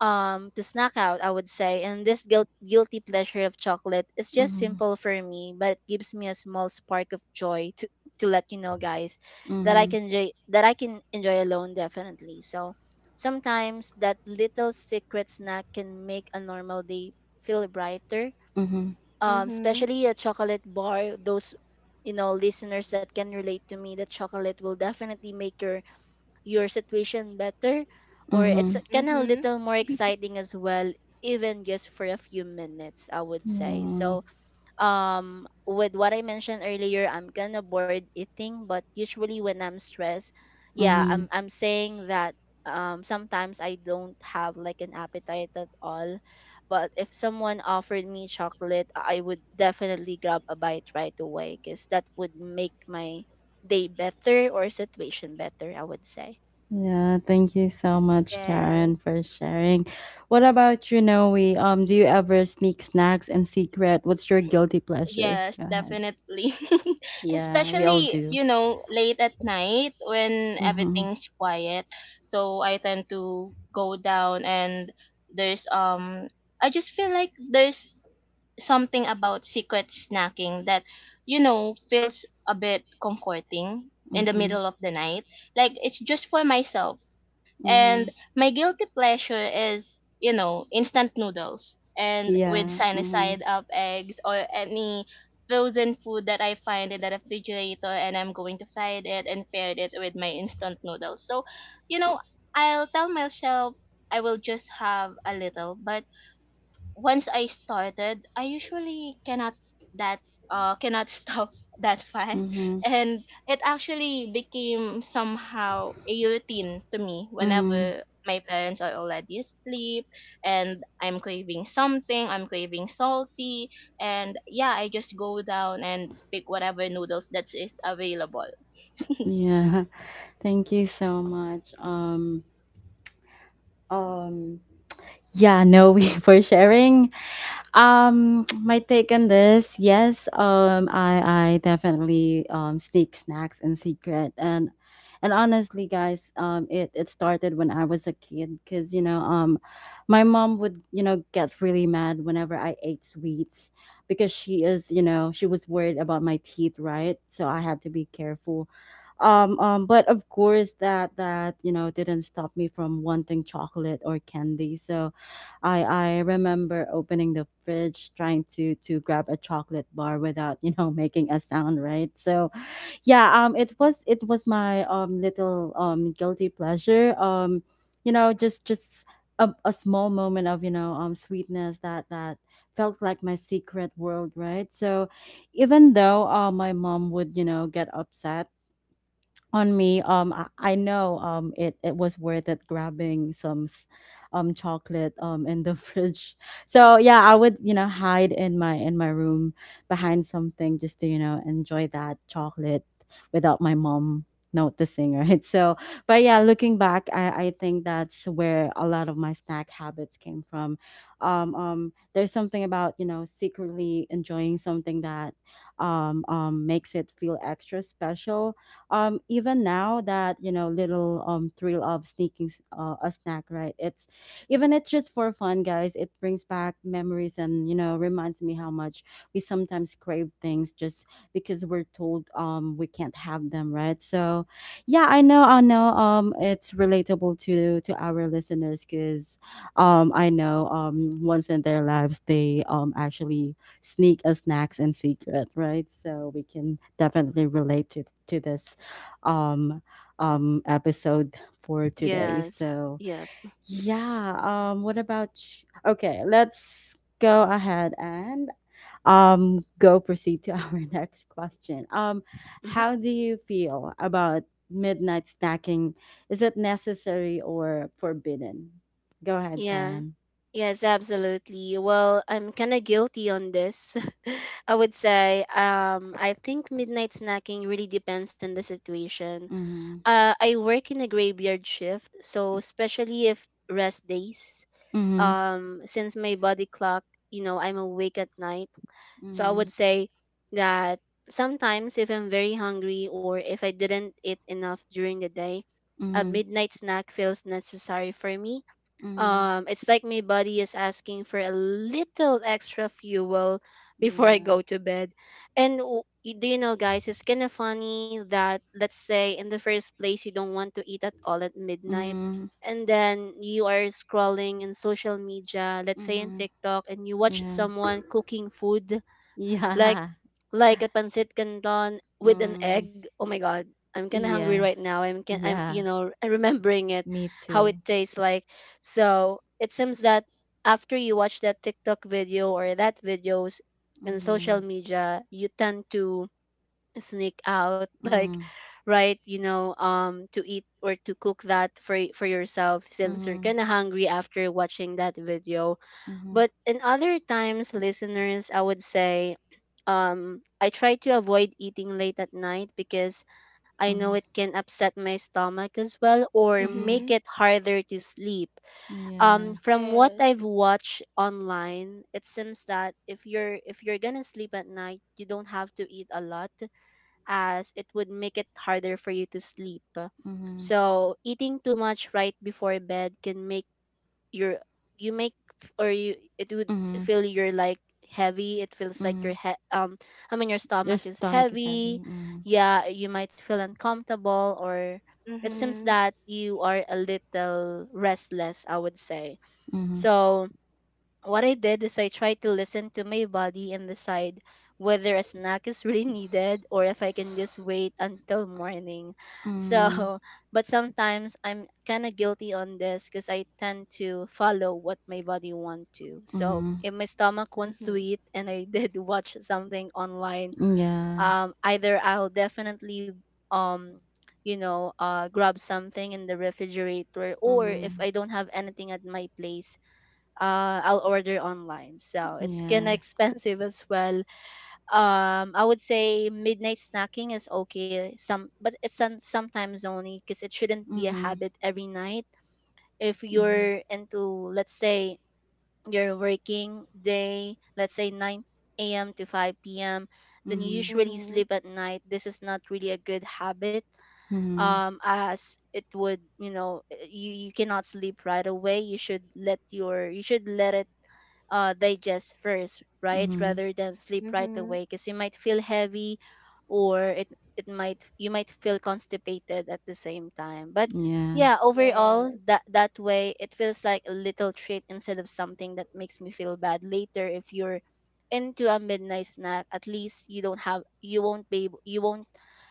Speaker 2: um to snack out, I would say. And this guilt, guilty pleasure of chocolate is just
Speaker 1: mhm,
Speaker 2: simple for me, but it gives me a small spark of joy, to to let you know guys, that I
Speaker 1: mhm,
Speaker 2: can enjoy, that I can enjoy alone, definitely. So sometimes that little secret snack can make a normal day feel brighter,
Speaker 1: mhm,
Speaker 2: um
Speaker 3: Mhm.
Speaker 2: especially a chocolate bar. Those, you know, listeners that can relate to me, that chocolate will definitely make your your situation better, or it's
Speaker 1: mhm.
Speaker 2: kind of a
Speaker 3: Mhm.
Speaker 2: little more exciting as well, even just for a few minutes, I would say.
Speaker 1: Yeah.
Speaker 2: So um with what I mentioned earlier, I'm kind of bored eating, but usually when I'm stressed, yeah,
Speaker 1: Mhm.
Speaker 2: i'm i'm saying that um sometimes I don't have like an appetite at all. But if someone offered me chocolate, I would definitely grab a bite right away, because that would make my day better or situation better, I would say.
Speaker 1: Yeah, thank you so much,
Speaker 3: Yes.
Speaker 1: Karen, for sharing. What about you, Noe? Um, do you ever sneak snacks in secret? What's your guilty pleasure?
Speaker 3: Yes,
Speaker 1: Go ahead.
Speaker 3: definitely.
Speaker 1: Yeah, we all
Speaker 3: Especially,
Speaker 1: do.
Speaker 3: you know, late at night when
Speaker 1: Mm-hmm.
Speaker 3: everything's quiet. So I tend to go down, and there's um I just feel like there's something about secret snacking that, you know, feels a bit comforting in the
Speaker 1: Mm-hmm.
Speaker 3: middle of the night. Like, it's just for myself. And
Speaker 1: Mm-hmm.
Speaker 3: my guilty pleasure is, you know, instant noodles and with
Speaker 1: Yeah.
Speaker 3: sunny
Speaker 1: Mm-hmm.
Speaker 3: side up eggs or any frozen food that I find in the refrigerator, and I'm going to fry it and pair it with my instant noodles. So, you know, I'll tell myself I will just have a little, but once I started, I usually cannot that uh cannot stop that fast,
Speaker 1: Mm-hmm.
Speaker 3: and it actually became somehow a routine to me.
Speaker 1: Mm-hmm.
Speaker 3: Whenever my parents are already asleep, and I'm craving something, I'm craving salty, and yeah, I just go down and pick whatever noodles that is available.
Speaker 1: Yeah. Thank you so much. Um. Um, yeah, no, we for sharing. Um, my take on this, yes, um, I I definitely um sneak snacks in secret, and and honestly, guys, um, it it started when I was a kid, because you know um, my mom would you know get really mad whenever I ate sweets, because she is you know she was worried about my teeth, right? So I had to be careful. Um, um, but of course that that you know didn't stop me from wanting chocolate or candy. So I I remember opening the fridge, trying to to grab a chocolate bar without you know making a sound, right? So yeah, um it was it was my um little um guilty pleasure, um you know, just just a, a small moment of you know um sweetness that that felt like my secret world, right? So even though uh, my mom would you know get upset on me. Um, I, I know um it, it was worth it grabbing some s- um chocolate um in the fridge. So yeah, I would you know hide in my in my room behind something, just to you know enjoy that chocolate without my mom noticing, right? So but yeah, looking back, i i think that's where a lot of my snack habits came from. um um there's something about you know secretly enjoying something, that um um makes it feel extra special. um even now that you know little um thrill of sneaking s- uh, a snack, right? It's even it's just for fun, guys. It brings back memories and you know reminds me how much we sometimes crave things just because we're told um we can't have them, right? So yeah, I know, i know um it's relatable to to our listeners, because um I know um once in their lives, they um actually sneak a snacks in secret, right? So we can definitely relate to to this um um episode for today.
Speaker 2: Yes.
Speaker 1: So,
Speaker 2: Yep.
Speaker 1: yeah, um what about sh- okay, let's go ahead and um go proceed to our next question. Um
Speaker 2: Hmm.
Speaker 1: how do you feel about midnight snacking? Is it necessary or forbidden? Go ahead,
Speaker 2: Yeah.
Speaker 1: Karen.
Speaker 2: Yes, absolutely. Well, I'm kind of guilty on this. I would say um I think midnight snacking really depends on the situation.
Speaker 1: Mhm.
Speaker 2: Uh I work in a graveyard shift, so especially if rest days.
Speaker 1: Mhm.
Speaker 2: Um, since my body clock, you know, I'm awake at night. So I
Speaker 1: Mhm.
Speaker 2: would say that sometimes if I'm very hungry or if I didn't eat enough during the day, a
Speaker 1: Mhm.
Speaker 2: midnight snack feels necessary for me.
Speaker 1: Mhm.
Speaker 2: Um, it's like my body is asking for a little extra fuel before I
Speaker 1: Yeah.
Speaker 2: go to bed. And w- y- do you know, guys, it's kind of funny that, let's say, in the first place, you don't want to eat at all at midnight.
Speaker 1: Mhm.
Speaker 2: And then you are scrolling in social media, let's say in
Speaker 1: Mhm.
Speaker 2: TikTok, and you watch
Speaker 1: Yeah.
Speaker 2: someone cooking food like
Speaker 1: Yeah.
Speaker 2: like a pancit canton with an
Speaker 1: Mm.
Speaker 2: egg. Oh my god, I'm kind of hungry right now.
Speaker 1: Yes.
Speaker 2: I'm can I'm, you
Speaker 1: Yeah,
Speaker 2: know, I'm remembering it,
Speaker 1: me
Speaker 2: how it
Speaker 1: too.
Speaker 2: tastes like. So it seems that after you watch that TikTok video or that videos in social
Speaker 1: Mm-hmm.
Speaker 2: media, you tend to sneak out like
Speaker 1: Mm.
Speaker 2: right, you know, um, to eat or to cook that for y- for yourself, since you're
Speaker 1: Mm-hmm.
Speaker 2: kind of hungry after watching that video.
Speaker 1: Mm-hmm.
Speaker 2: But in other times, listeners, I would say um, I try to avoid eating late at night, because I know it
Speaker 1: Mm-hmm.
Speaker 2: can upset my stomach as well or
Speaker 1: Mm-hmm.
Speaker 2: make
Speaker 3: Mhm.
Speaker 2: it harder to sleep. Um,
Speaker 1: Yeah.
Speaker 2: from what
Speaker 3: Yes.
Speaker 2: I've watched online, it seems that if you're if you're gonna sleep at night, you don't have to eat a lot, as it would make it harder for you to sleep.
Speaker 1: Mm-hmm.
Speaker 2: So eating too much right before bed can make your, you make, or you, it would
Speaker 1: Mm-hmm.
Speaker 2: feel you're like heavy, it feels like
Speaker 1: Mm-hmm.
Speaker 2: your head um I mean your
Speaker 1: Your
Speaker 2: stomach is
Speaker 1: stomach is heavy.
Speaker 2: heavy,
Speaker 1: Mm-hmm.
Speaker 2: yeah, you might feel uncomfortable, or it seems
Speaker 3: Mhm.
Speaker 2: that you are a little restless, I would say.
Speaker 1: Mm-hmm.
Speaker 2: So what I did is I tried to listen to my body and decide whether a snack is really needed, or if I can just wait until morning.
Speaker 1: Mm-hmm.
Speaker 2: So, but sometimes I'm kind of guilty on this because I tend to follow what my body wants to. So,
Speaker 1: Mm-hmm.
Speaker 2: if my stomach wants to
Speaker 3: Mhm.
Speaker 2: eat and I did watch something online,
Speaker 1: Yeah.
Speaker 2: um, either I'll definitely um you know uh grab something in the refrigerator, or if
Speaker 1: Mm-hmm.
Speaker 2: I don't have anything at my place, uh, I'll order online. So it's kinda
Speaker 1: Yeah.
Speaker 2: expensive as well. Um, I would say midnight snacking is okay. Some, but it's some, sometimes only, because it shouldn't be a
Speaker 1: Mm-hmm.
Speaker 2: habit every night. If you're into, let's say, your working day, let's say nine a m to five p m, then you
Speaker 1: Mm-hmm.
Speaker 2: usually
Speaker 3: Mhm.
Speaker 2: sleep at night. This is not really a good habit.
Speaker 1: Mm-hmm.
Speaker 2: Um, as it would, you know, you you cannot sleep right away. You should let your you should let it uh, digest first, right?
Speaker 1: Mm-hmm.
Speaker 2: Rather than sleep right away,
Speaker 3: Mhm.
Speaker 2: because you might feel heavy, or it it might you might feel constipated at the same time. But
Speaker 1: Yeah.
Speaker 2: yeah, overall,
Speaker 3: Yes.
Speaker 2: that that way it feels like a little treat instead of something that makes me feel bad later. If you're into a midnight snack, at least you don't have you won't be able, you won't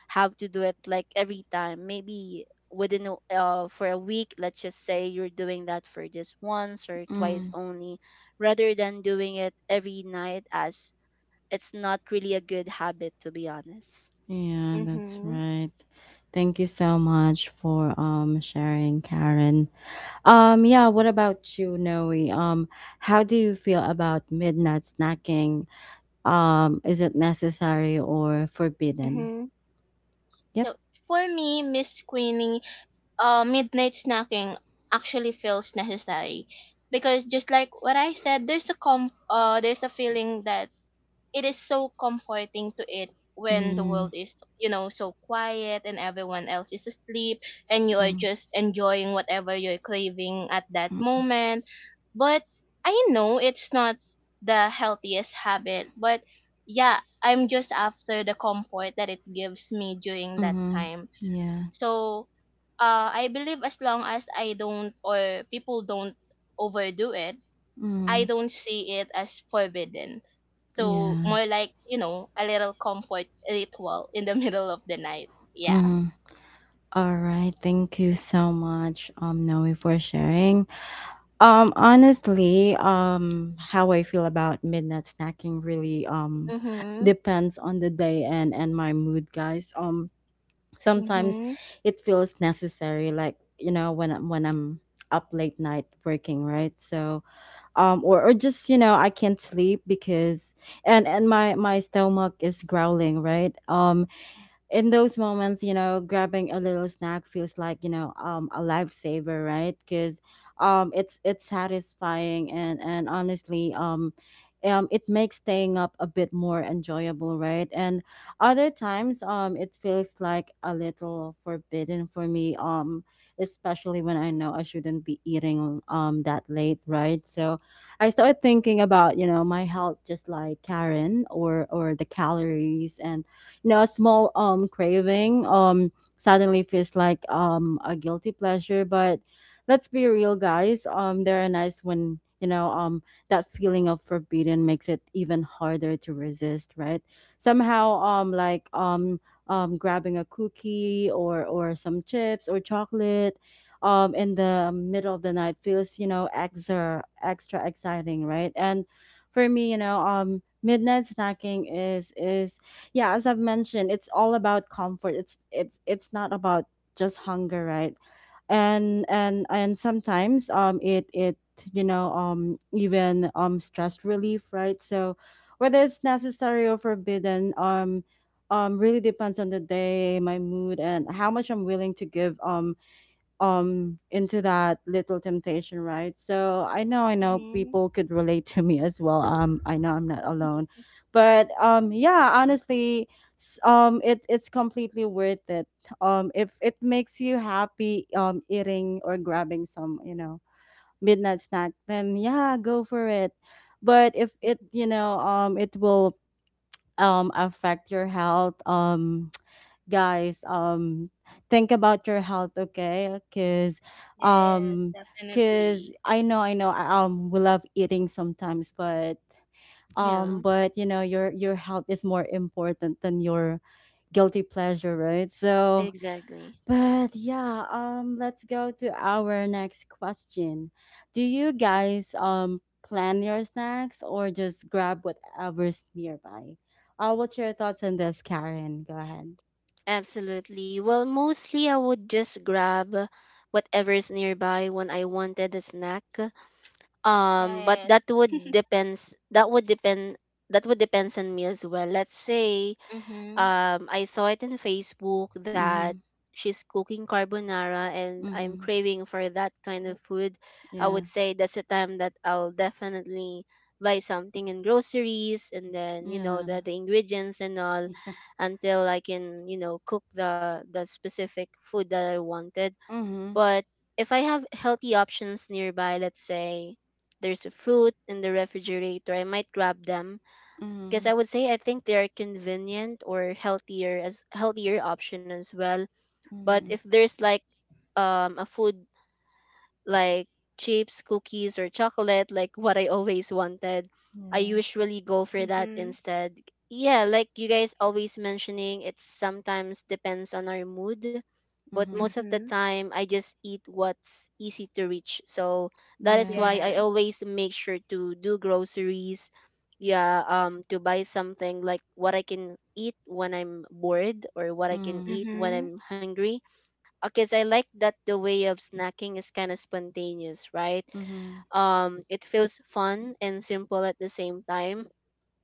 Speaker 2: have to do it like every time. Maybe within a, uh, for a week, let's just say you're doing that for just once or twice
Speaker 1: Mm.
Speaker 2: only, rather than doing it every night, as it's not really a good habit, to be honest.
Speaker 1: Yeah, that's
Speaker 3: Mhm.
Speaker 1: right. Thank you so much for um sharing, Karen. Um, yeah, what about you, Noe? Um, how do you feel about midnight snacking? Um, is it necessary or forbidden?
Speaker 3: Mhm.
Speaker 1: Yep.
Speaker 3: So for me, Miss Screening, uh, midnight snacking actually feels necessary, because just like what I said, there's a com, uh, there's a feeling that it is so comforting to it when the
Speaker 1: Mm,
Speaker 3: world is, you know, so quiet and everyone else is asleep, and you are
Speaker 1: mm,
Speaker 3: just enjoying whatever you're craving at that
Speaker 1: mm,
Speaker 3: moment. But I know it's not the healthiest habit, but yeah, I'm just after the comfort that it gives me during that
Speaker 1: mm-hmm.
Speaker 3: time.
Speaker 1: Yeah.
Speaker 3: So, uh I believe as long as I don't or people don't overdo it, I
Speaker 1: Mm,
Speaker 3: don't see it as forbidden. So
Speaker 1: yeah.
Speaker 3: more like, you know, a little comfort ritual in the middle of the night. Yeah.
Speaker 1: Mm-hmm. All right. Thank you so much, um, Noe, for sharing. Um, honestly, um, how I feel about midnight snacking really um
Speaker 3: Mhm.
Speaker 1: depends on the day and and my mood, guys. Um, sometimes
Speaker 3: Mhm.
Speaker 1: it feels necessary, like you know when I'm- when I'm up late night working, right? So um or, or just you know I can't sleep because and and my my stomach is growling, right? um in those moments, you know, grabbing a little snack feels like you know um, a lifesaver, right? Because um, it's it's satisfying, and and honestly, um, um, it makes staying up a bit more enjoyable, right? And other times, um, it feels like a little forbidden for me, um, especially when I know I shouldn't be eating um that late, right? So I started thinking about you know my health, just like Karen or or the calories. And you know a small um craving um suddenly feels like um a guilty pleasure. But let's be real, guys, um they're nice when you know um that feeling of forbidden makes it even harder to resist, right? Somehow, um like um um grabbing a cookie or or some chips or chocolate um in the middle of the night feels you know extra, extra exciting, right? And for me, you know um midnight snacking is is yeah, as I've mentioned, it's all about comfort. It's it's it's not about just hunger, right? And and and sometimes, um it it you know um even um stress relief, right? So whether it's necessary or forbidden, um um really depends on the day, my mood, and how much I'm willing to give um um into that little temptation, right? So i know i know
Speaker 3: Mhm.
Speaker 1: people could relate to me as well. um I know I'm not alone. But um yeah, honestly, s- um it, it's completely worth it. Um if it makes you happy um eating or grabbing some, you know midnight snack, then yeah, go for it. But if it, you know um it will um affect your health, um guys, um think about your health, okay? Because
Speaker 3: Yes,
Speaker 1: um because
Speaker 3: definitely.
Speaker 1: i know i know I, um we love eating sometimes, but
Speaker 2: Yeah,
Speaker 1: um but you know your your health is more important than your guilty pleasure, right? So
Speaker 2: exactly.
Speaker 1: but yeah, um let's go to our next question. Do you guys um plan your snacks, or just grab whatever's nearby? Uh what's your thoughts on this, Karen? Go ahead.
Speaker 2: Absolutely. Well, mostly I would just grab whatever's nearby when I wanted a snack. Um, but
Speaker 3: Yes.
Speaker 2: that would depends that would depend that would depends on me as well. Let's say
Speaker 3: Mhm.
Speaker 2: um I saw it in Facebook that
Speaker 1: Mm-hmm.
Speaker 2: she's cooking carbonara and I'm
Speaker 1: Mhm.
Speaker 2: craving for that kind of food. I
Speaker 1: Yeah.
Speaker 2: would say that's a time that I'll definitely buy something in groceries, and then you know
Speaker 1: Yeah.
Speaker 2: the, the ingredients and all,
Speaker 1: Yeah.
Speaker 2: until I can you know cook the the specific food that I wanted.
Speaker 1: Mhm.
Speaker 2: But if I have healthy options nearby, let's say there's a fruit in the refrigerator, I might grab them because
Speaker 1: Mhm.
Speaker 2: I would say I think they are convenient, or healthier as healthier option as well. But if
Speaker 1: Mhm.
Speaker 2: there's like um a food like chips, cookies, or chocolate, like what I always wanted, I
Speaker 1: Yeah.
Speaker 2: usually go for that
Speaker 3: Mhm.
Speaker 2: instead. Yeah, like you guys always mentioning, it sometimes depends on our mood, but most
Speaker 1: Mhm.
Speaker 2: of the
Speaker 3: Mhm.
Speaker 2: time I just eat what's easy to reach. So that is
Speaker 1: Yeah.
Speaker 2: why I
Speaker 3: Yes.
Speaker 2: always make sure to do groceries. Yeah, um, to buy something like what I can eat when I'm bored or what I can
Speaker 1: Mhm.
Speaker 2: eat when
Speaker 3: Mhm.
Speaker 2: I'm hungry, because I like that the way of snacking is kind of spontaneous, right?
Speaker 1: Mhm.
Speaker 2: Um, it feels fun and simple at the same time,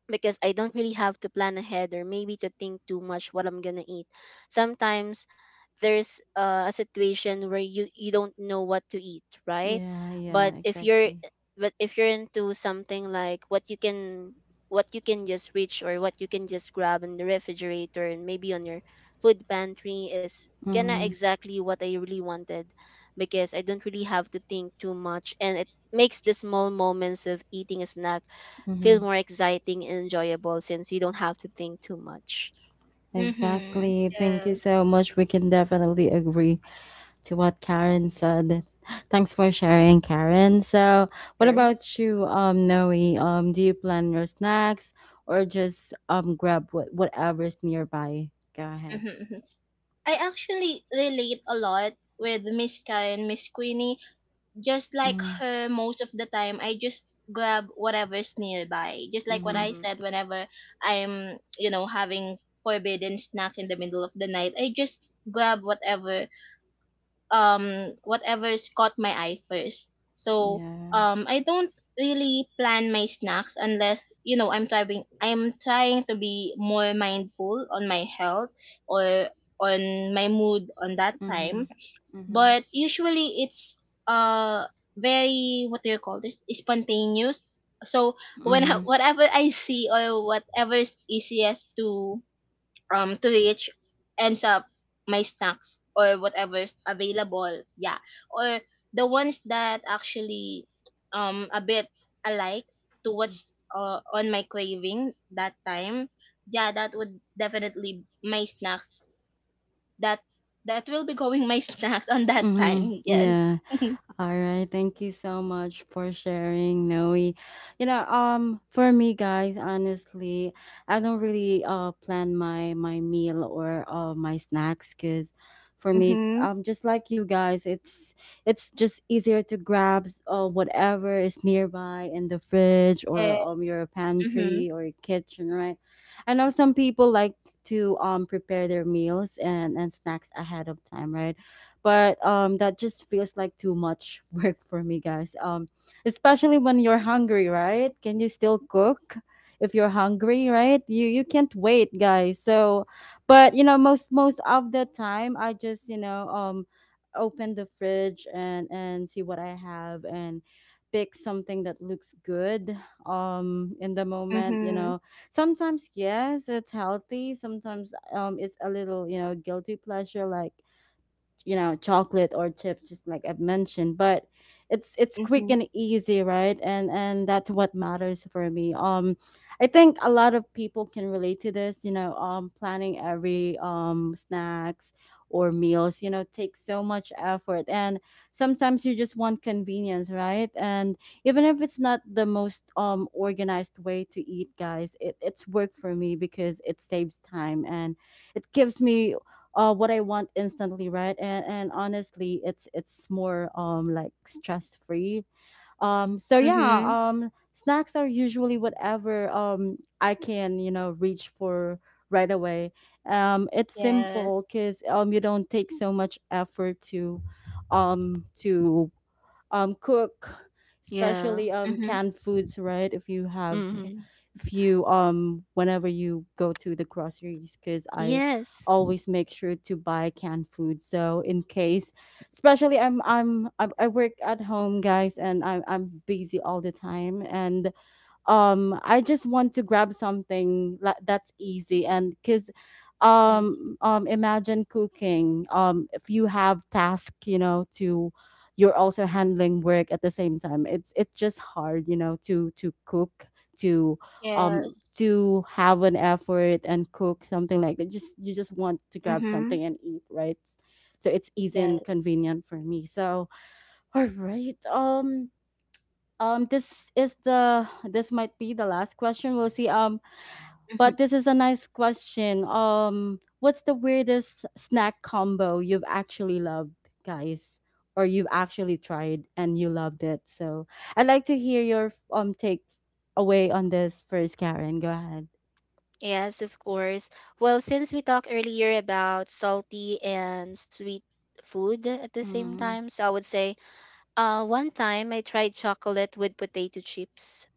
Speaker 2: because I don't really have to plan ahead or maybe to think too much what I'm gonna eat. Sometimes there's uh, a situation where you you don't know what to eat, right?
Speaker 1: Yeah.
Speaker 2: But
Speaker 1: Yeah.
Speaker 2: if you're
Speaker 1: Exactly.
Speaker 2: but if you're into something like what you can what you can just reach, or what you can just grab in the refrigerator and maybe on your food pantry, is kinda
Speaker 1: Mhm.
Speaker 2: exactly what I really wanted, because I don't really have to think too much, and it makes the small moments of eating a snack feel
Speaker 1: Mhm.
Speaker 2: more exciting and enjoyable since you don't have to think too much.
Speaker 3: Mhm.
Speaker 1: Exactly. Thank you
Speaker 3: Yes.
Speaker 1: so much. We can definitely agree to what Karen said. Thanks for sharing, Karen. So, what
Speaker 2: Sure.
Speaker 1: about you, um, Noe? Um, do you plan your snacks or just um grab what whatever's nearby? Go ahead.
Speaker 3: Mhm. Mhm. I actually relate a lot with Miss Kai and Miss Queenie. Just like
Speaker 1: Mm-hmm.
Speaker 3: her, most of the time I just grab whatever's nearby. Just like what
Speaker 1: Mm-hmm.
Speaker 3: I
Speaker 2: Mm-hmm.
Speaker 3: said, whenever I'm, you know, having forbidden snack in the middle of the night, I just grab whatever um whatever's caught my eye first. So,
Speaker 1: Yeah.
Speaker 3: um I don't really plan my snacks unless, you know, i'm trying I'm trying to be more mindful on my health, or on my mood on that time.
Speaker 1: Mhm. Mhm.
Speaker 3: But usually it's, uh very, what do you call this, spontaneous. So when I-
Speaker 1: Mhm.
Speaker 3: whatever I see or whatever is easiest to um to reach ends up my snacks, or whatever's available, yeah, or the ones that actually um a bit alike to what's, uh, on my craving that time, yeah, that would definitely my snacks, that that will be going my snacks on that
Speaker 1: Mhm.
Speaker 3: time. Yes.
Speaker 1: Yeah. All right, thank you so much for sharing, Noe. You know, um, for me, guys, honestly, I don't really uh plan my my meal or uh my snacks, because for me, it's,
Speaker 3: Mhm.
Speaker 1: um just like you guys, it's it's just easier to grab uh whatever is nearby in the fridge
Speaker 3: Yeah.
Speaker 1: or um your
Speaker 3: Mhm.
Speaker 1: pantry or your kitchen, right? I know some people like to um prepare their meals and and snacks ahead of time, right? But um that just feels like too much work for me, guys. Um especially when you're hungry, right? Can you still cook if you're hungry, right? you you can't wait, guys. So but you know, most most of the time I just, you know um open the fridge and and see what I have, and pick something that looks good um in the moment, you
Speaker 3: Mhm.
Speaker 1: know. Sometimes yes, it's healthy. Sometimes, um it's a little, you know, guilty pleasure like, you know, chocolate or chips, just like I've mentioned. But it's it's quick
Speaker 3: Mhm.
Speaker 1: and easy, right? And and that's what matters for me. um I think a lot of people can relate to this, you know. Um planning every um snacks or meals, you know, takes so much effort, and sometimes you just want convenience, right? And even if it's not the most um organized way to eat, guys, it, it's work for me because it saves time, and it gives me uh, what I want instantly, right? And and honestly, it's it's more um like stress free. Um, so yeah,
Speaker 3: Mhm.
Speaker 1: um, snacks are usually whatever um I can, you know, reach for right away. Um, it's simple
Speaker 3: Yes.
Speaker 1: because um you don't take so much effort to um to um cook,
Speaker 2: Yeah.
Speaker 1: especially um
Speaker 3: Mhm.
Speaker 1: canned foods, right? If you have ca-
Speaker 2: Mm-hmm.
Speaker 1: if you, um whenever you go to the groceries. Because I
Speaker 2: Yes.
Speaker 1: always make sure to buy canned food, so in case, especially, i'm i'm i, I work at home, guys, and I'm, I'm busy all the time. And um I just want to grab something, la- that's easy. And because,
Speaker 2: Mhm.
Speaker 1: um um imagine cooking, um if you have task, you know, to, you're also handling work at the same time, it's it's just hard, you know, to to cook, to um
Speaker 3: Yes.
Speaker 1: to have an effort and cook something like that. Just you just want to grab
Speaker 3: Mhm.
Speaker 1: something and eat, right? So it's easy and
Speaker 3: Yes.
Speaker 1: convenient for me. So all right, um um, this is the, this might be the last question. We'll see. Um,
Speaker 3: Mhm.
Speaker 1: but this is a nice question. Um, what's the weirdest snack combo you've actually loved, guys, or you've actually tried and you loved it? So I'd like to hear your um take away on this first, Karen. Go ahead.
Speaker 2: Yes, of course. Well, since we talked earlier about salty and sweet food at the same
Speaker 1: Mm-hmm.
Speaker 2: time, so I would say uh, one time I tried chocolate with potato chips.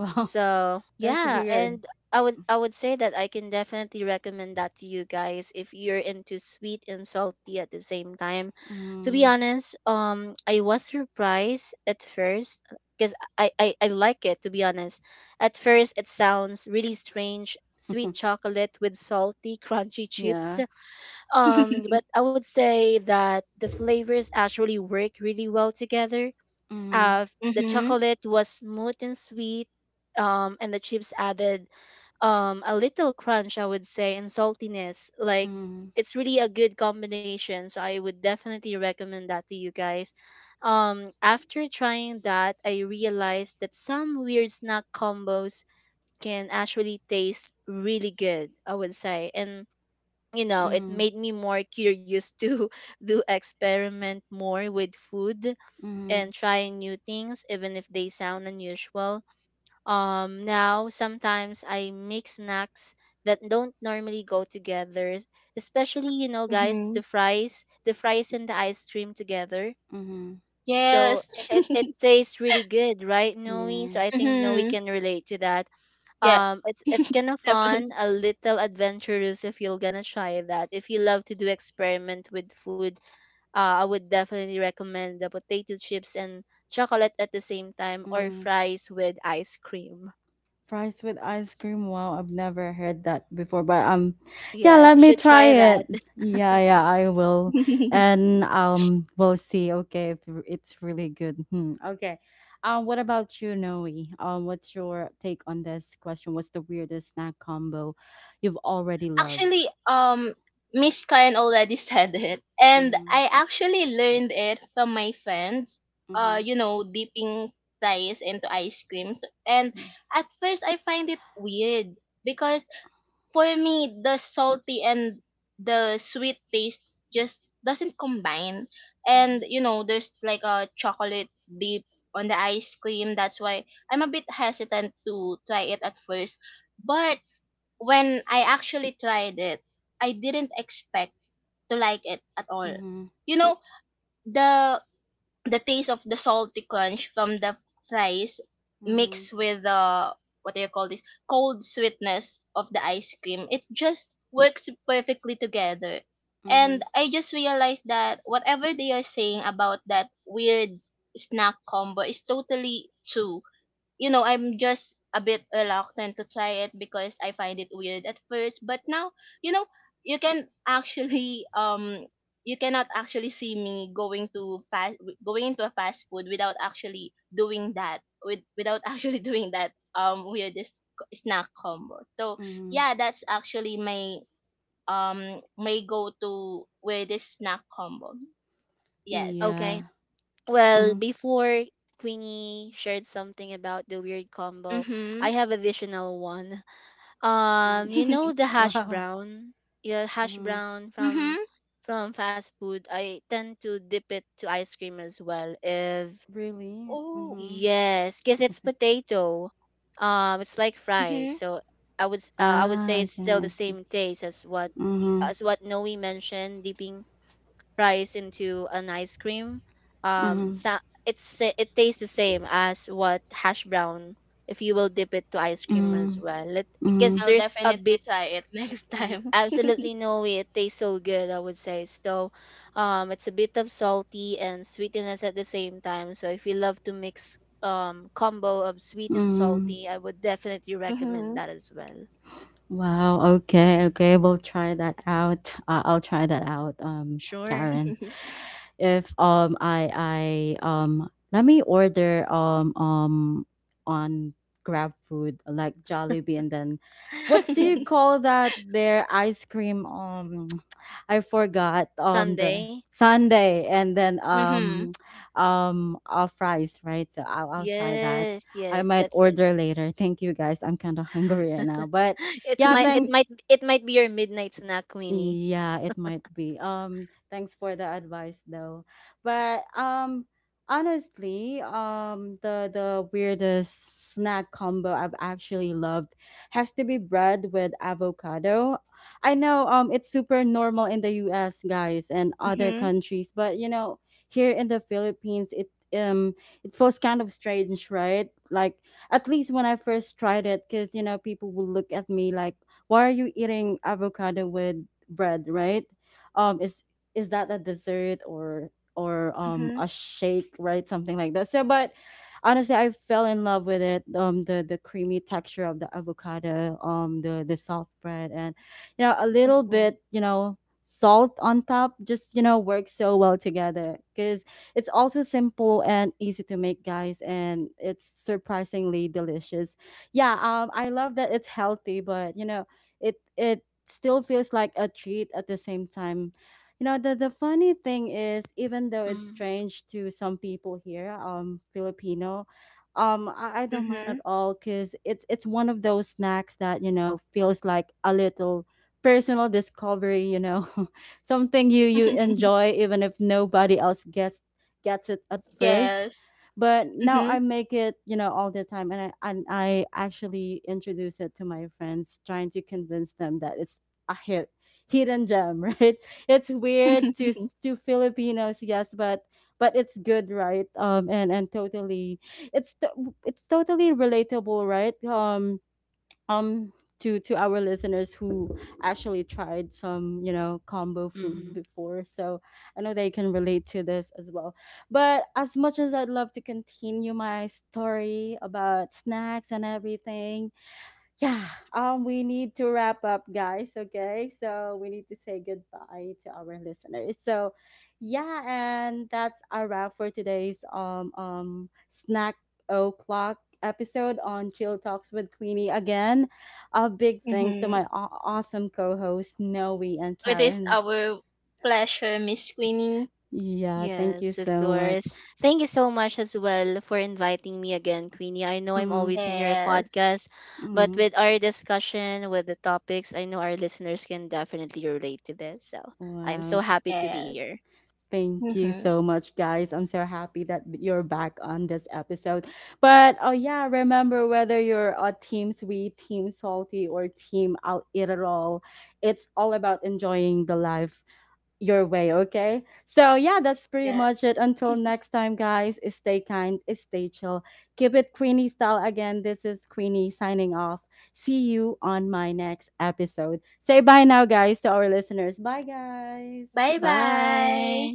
Speaker 1: Wow,
Speaker 2: So
Speaker 1: that's
Speaker 2: yeah,
Speaker 1: weird.
Speaker 2: and I would I would say that I can definitely recommend that to you guys if you're into sweet and salty at the same time. To be
Speaker 1: Mm.
Speaker 2: honest, um, I was surprised at first, because I, I I like it, to be honest. At first, it sounds really strange, sweet chocolate with salty, crunchy chips.
Speaker 1: Yeah.
Speaker 2: Um, but I would say that the flavors actually work really well together.
Speaker 1: Mm.
Speaker 2: uh, the
Speaker 3: Mhm.
Speaker 2: chocolate was smooth and sweet, um, and the chips added um, a little crunch, I would say, and saltiness. Like,
Speaker 1: Mm.
Speaker 2: it's really a good combination. So I would definitely recommend that to you guys. Um, after trying that, I realized that some weird snack combos can actually taste really good, I would say. And, you know, it
Speaker 1: Mm.
Speaker 2: made me more curious to do experiment more with food
Speaker 1: Mm.
Speaker 2: and trying new things, even if they sound unusual. Um, now, sometimes I make snacks that don't normally go together, especially, you know, guys, the
Speaker 3: Mhm.
Speaker 2: fries, the fries and the ice cream together.
Speaker 1: Mm.
Speaker 2: So
Speaker 3: Yes.
Speaker 2: it, it tastes really good, right, Noe?
Speaker 1: Yeah.
Speaker 2: So I think Noe
Speaker 3: Mhm.
Speaker 2: can relate to that.
Speaker 3: Yeah.
Speaker 2: Um, it's it's kind of fun,
Speaker 3: Definitely.
Speaker 2: a little adventurous if you're gonna try that. If you love to do experiment with food, uh, I would definitely recommend the potato chips and chocolate at the same time, or fries with ice cream.
Speaker 1: Fries with ice cream. Wow, I've never heard that before, but um yeah,
Speaker 2: Yes,
Speaker 1: let
Speaker 2: you
Speaker 1: me
Speaker 2: should
Speaker 1: try
Speaker 2: try that.
Speaker 1: it. Yeah, yeah, I will. And um we'll see. Okay, if r- it's really good. Hmm. Okay. Um what about you, Noe? Um what's your take on this question? What's the weirdest snack combo you've already loved?
Speaker 3: Actually, um, Miss Kyan already said it, and
Speaker 1: Mhm.
Speaker 3: I actually learned it from my friends. Uh,
Speaker 1: Mhm.
Speaker 3: you know, dipping fries into ice creams, and at first I find it weird, because for me, the salty and the sweet taste just doesn't combine. And
Speaker 1: Mhm.
Speaker 3: you know, there's like a chocolate dip on the ice cream. That's why I'm a bit hesitant to try it at first. But when I actually tried it, I didn't expect to like it at all.
Speaker 1: Mhm.
Speaker 3: You know, the the taste of the salty crunch from the fries
Speaker 1: Mhm. Mhm.
Speaker 3: mixed with the, what do you call this, cold sweetness of the ice cream, it just works perfectly together. And
Speaker 1: Mhm.
Speaker 3: I just realized that whatever they are saying about that weird snack combo is totally true. You know, I'm just a bit reluctant to try it because I find it weird at first. But now, you know, you can actually um you cannot actually see me going to fast going into a fast food without actually doing that with without actually doing that um weirdest c- snack combo. So
Speaker 1: Mhm.
Speaker 3: yeah, that's actually my um my go to weirdest snack combo. Yes.
Speaker 2: Okay.
Speaker 1: Yeah.
Speaker 2: Well,
Speaker 1: Mhm.
Speaker 2: before Queenie shared something about the weird combo, I
Speaker 3: Mhm.
Speaker 2: have additional one. Um,
Speaker 1: Mhm.
Speaker 2: you know the hash
Speaker 1: Wow.
Speaker 2: brown? Yeah, hash
Speaker 1: Mhm.
Speaker 2: brown from
Speaker 3: Mhm.
Speaker 2: from fast food. I tend to dip it to ice cream as well if.
Speaker 1: Really?
Speaker 3: Oh.
Speaker 1: Mhm.
Speaker 2: Yes, because it's potato. Um, it's like fries.
Speaker 3: Mhm.
Speaker 2: So I would s- uh, I would say
Speaker 1: Ah,
Speaker 2: it's
Speaker 1: okay,
Speaker 2: still the
Speaker 1: I see.
Speaker 2: same taste as what y-
Speaker 1: Mhm,
Speaker 2: as what Noe mentioned, dipping fries into an ice cream. Um,
Speaker 1: mhm,
Speaker 2: so it's sa- it tastes the same as what hash brown if you will dip it to ice cream as
Speaker 1: mm,
Speaker 2: well. Because
Speaker 1: mm,
Speaker 3: I'll
Speaker 2: there's a
Speaker 3: definitely
Speaker 2: big
Speaker 3: try it next
Speaker 2: Ye-
Speaker 3: time.
Speaker 2: absolutely no way. It tastes so good, I would say. So, um, it's a bit of salty and sweetness at the same time. So, if you love to mix um combo of sweet and
Speaker 1: mm.
Speaker 2: salty, I would definitely recommend
Speaker 3: Mhm.
Speaker 2: that as well.
Speaker 1: Wow. Okay. Okay. We'll try that out. Uh, I'll try that out. Um,
Speaker 2: Sure.
Speaker 1: Karen,
Speaker 3: Mhm.
Speaker 1: if um I I um let me order um um on Grab food like Jollibee, and then what do you
Speaker 2: Yes.
Speaker 1: call that? Their ice cream. Um, I forgot. Um, the
Speaker 2: Sunday.
Speaker 1: sundae and then
Speaker 3: Mhm.
Speaker 1: um um uh, fries. Right. So I'll I'll try that.
Speaker 2: Yes,
Speaker 1: I
Speaker 2: yes,
Speaker 1: might
Speaker 2: that's it.
Speaker 1: order later. Thank you, guys. I'm kind of hungry right now, but
Speaker 2: It's
Speaker 1: yeah,
Speaker 2: my, it
Speaker 1: thanks.
Speaker 2: might it might be your midnight snack, Queenie.
Speaker 1: Yeah, it might be. Um, thanks for the advice though. But um honestly, um the the weirdest snack combo I've actually loved has to be bread with avocado. I know um it's super normal in the U S, guys, and other
Speaker 3: Mhm.
Speaker 1: countries, but you know, here in the Philippines, it um it feels kind of strange, right? Like at least when I first tried it, cuz you know people will look at me like, why are you eating avocado with bread, right? Um, is is that a dessert or or um a shake, right? Something like that. So but honestly, I fell in love with it. Um, the the creamy texture of the avocado, um, the the soft bread, and, you know, a little
Speaker 3: Mm.
Speaker 1: bit, you know, salt on top, just, you know, works so well together. Because it's also simple and easy to make, guys, and it's surprisingly delicious. Yeah, um I love that it's healthy, but you know, it it still feels like a treat at the same time. You know, the, the funny thing is, even though it's strange to some people here, um, Filipino, um, I, I don't mind
Speaker 3: Mhm.
Speaker 1: at all, because it's it's one of those snacks that, you know, feels like a little personal discovery, you know. Something you you enjoy even if nobody else gets gets it at first.
Speaker 3: Yes.
Speaker 1: But now
Speaker 3: Mhm.
Speaker 1: I make it, you know, all the time, and i and i actually introduce it to my friends, trying to convince them that it's a hit, hidden gem, right? It's weird to
Speaker 3: Mhm.
Speaker 1: s- to Filipinos, yes, but but it's good, right? um and and totally, it's t- it's totally relatable, right? um um to to our listeners who actually tried some, you know, combo food
Speaker 2: Mm-hmm.
Speaker 1: before. So I know they can relate to this as well. But as much as I'd love to continue my story about snacks and everything, yeah, um we need to wrap up, guys. Okay, so we need to say goodbye to our listeners. So yeah, and that's our wrap for today's um um snack o'clock episode on Chill Talks with Queenie again. A big thanks to my aw- awesome co-hosts Noe and
Speaker 3: It is
Speaker 1: Karen.
Speaker 3: our pleasure, Miss Queenie.
Speaker 1: Yeah, thank
Speaker 2: Yes,
Speaker 1: you
Speaker 2: of
Speaker 1: so
Speaker 2: course.
Speaker 1: much.
Speaker 2: Thank you so much as well for inviting me again, Queenie. I know I'm
Speaker 1: Mm,
Speaker 2: always in your
Speaker 3: Yes.
Speaker 2: podcast, but
Speaker 1: mm,
Speaker 2: with our discussion, with the topics, I know our listeners can definitely relate to this. So I'm
Speaker 1: wow.
Speaker 2: so happy to be
Speaker 3: Yes.
Speaker 2: here.
Speaker 1: Thank you
Speaker 3: Mhm.
Speaker 1: so much, guys. I'm so happy that you're back on this episode. But oh yeah, remember, whether you're a team sweet, team salty, or team I'll eat it all, it's all about enjoying the life your way, okay? So yeah, that's pretty
Speaker 3: Yeah.
Speaker 1: much it. Until next time, guys, stay kind, stay chill. Keep it Queenie style again. This is Queenie signing off. See you on my next episode. Say bye now, guys, to our listeners. Bye, guys.
Speaker 3: Bye bye.
Speaker 2: Bye.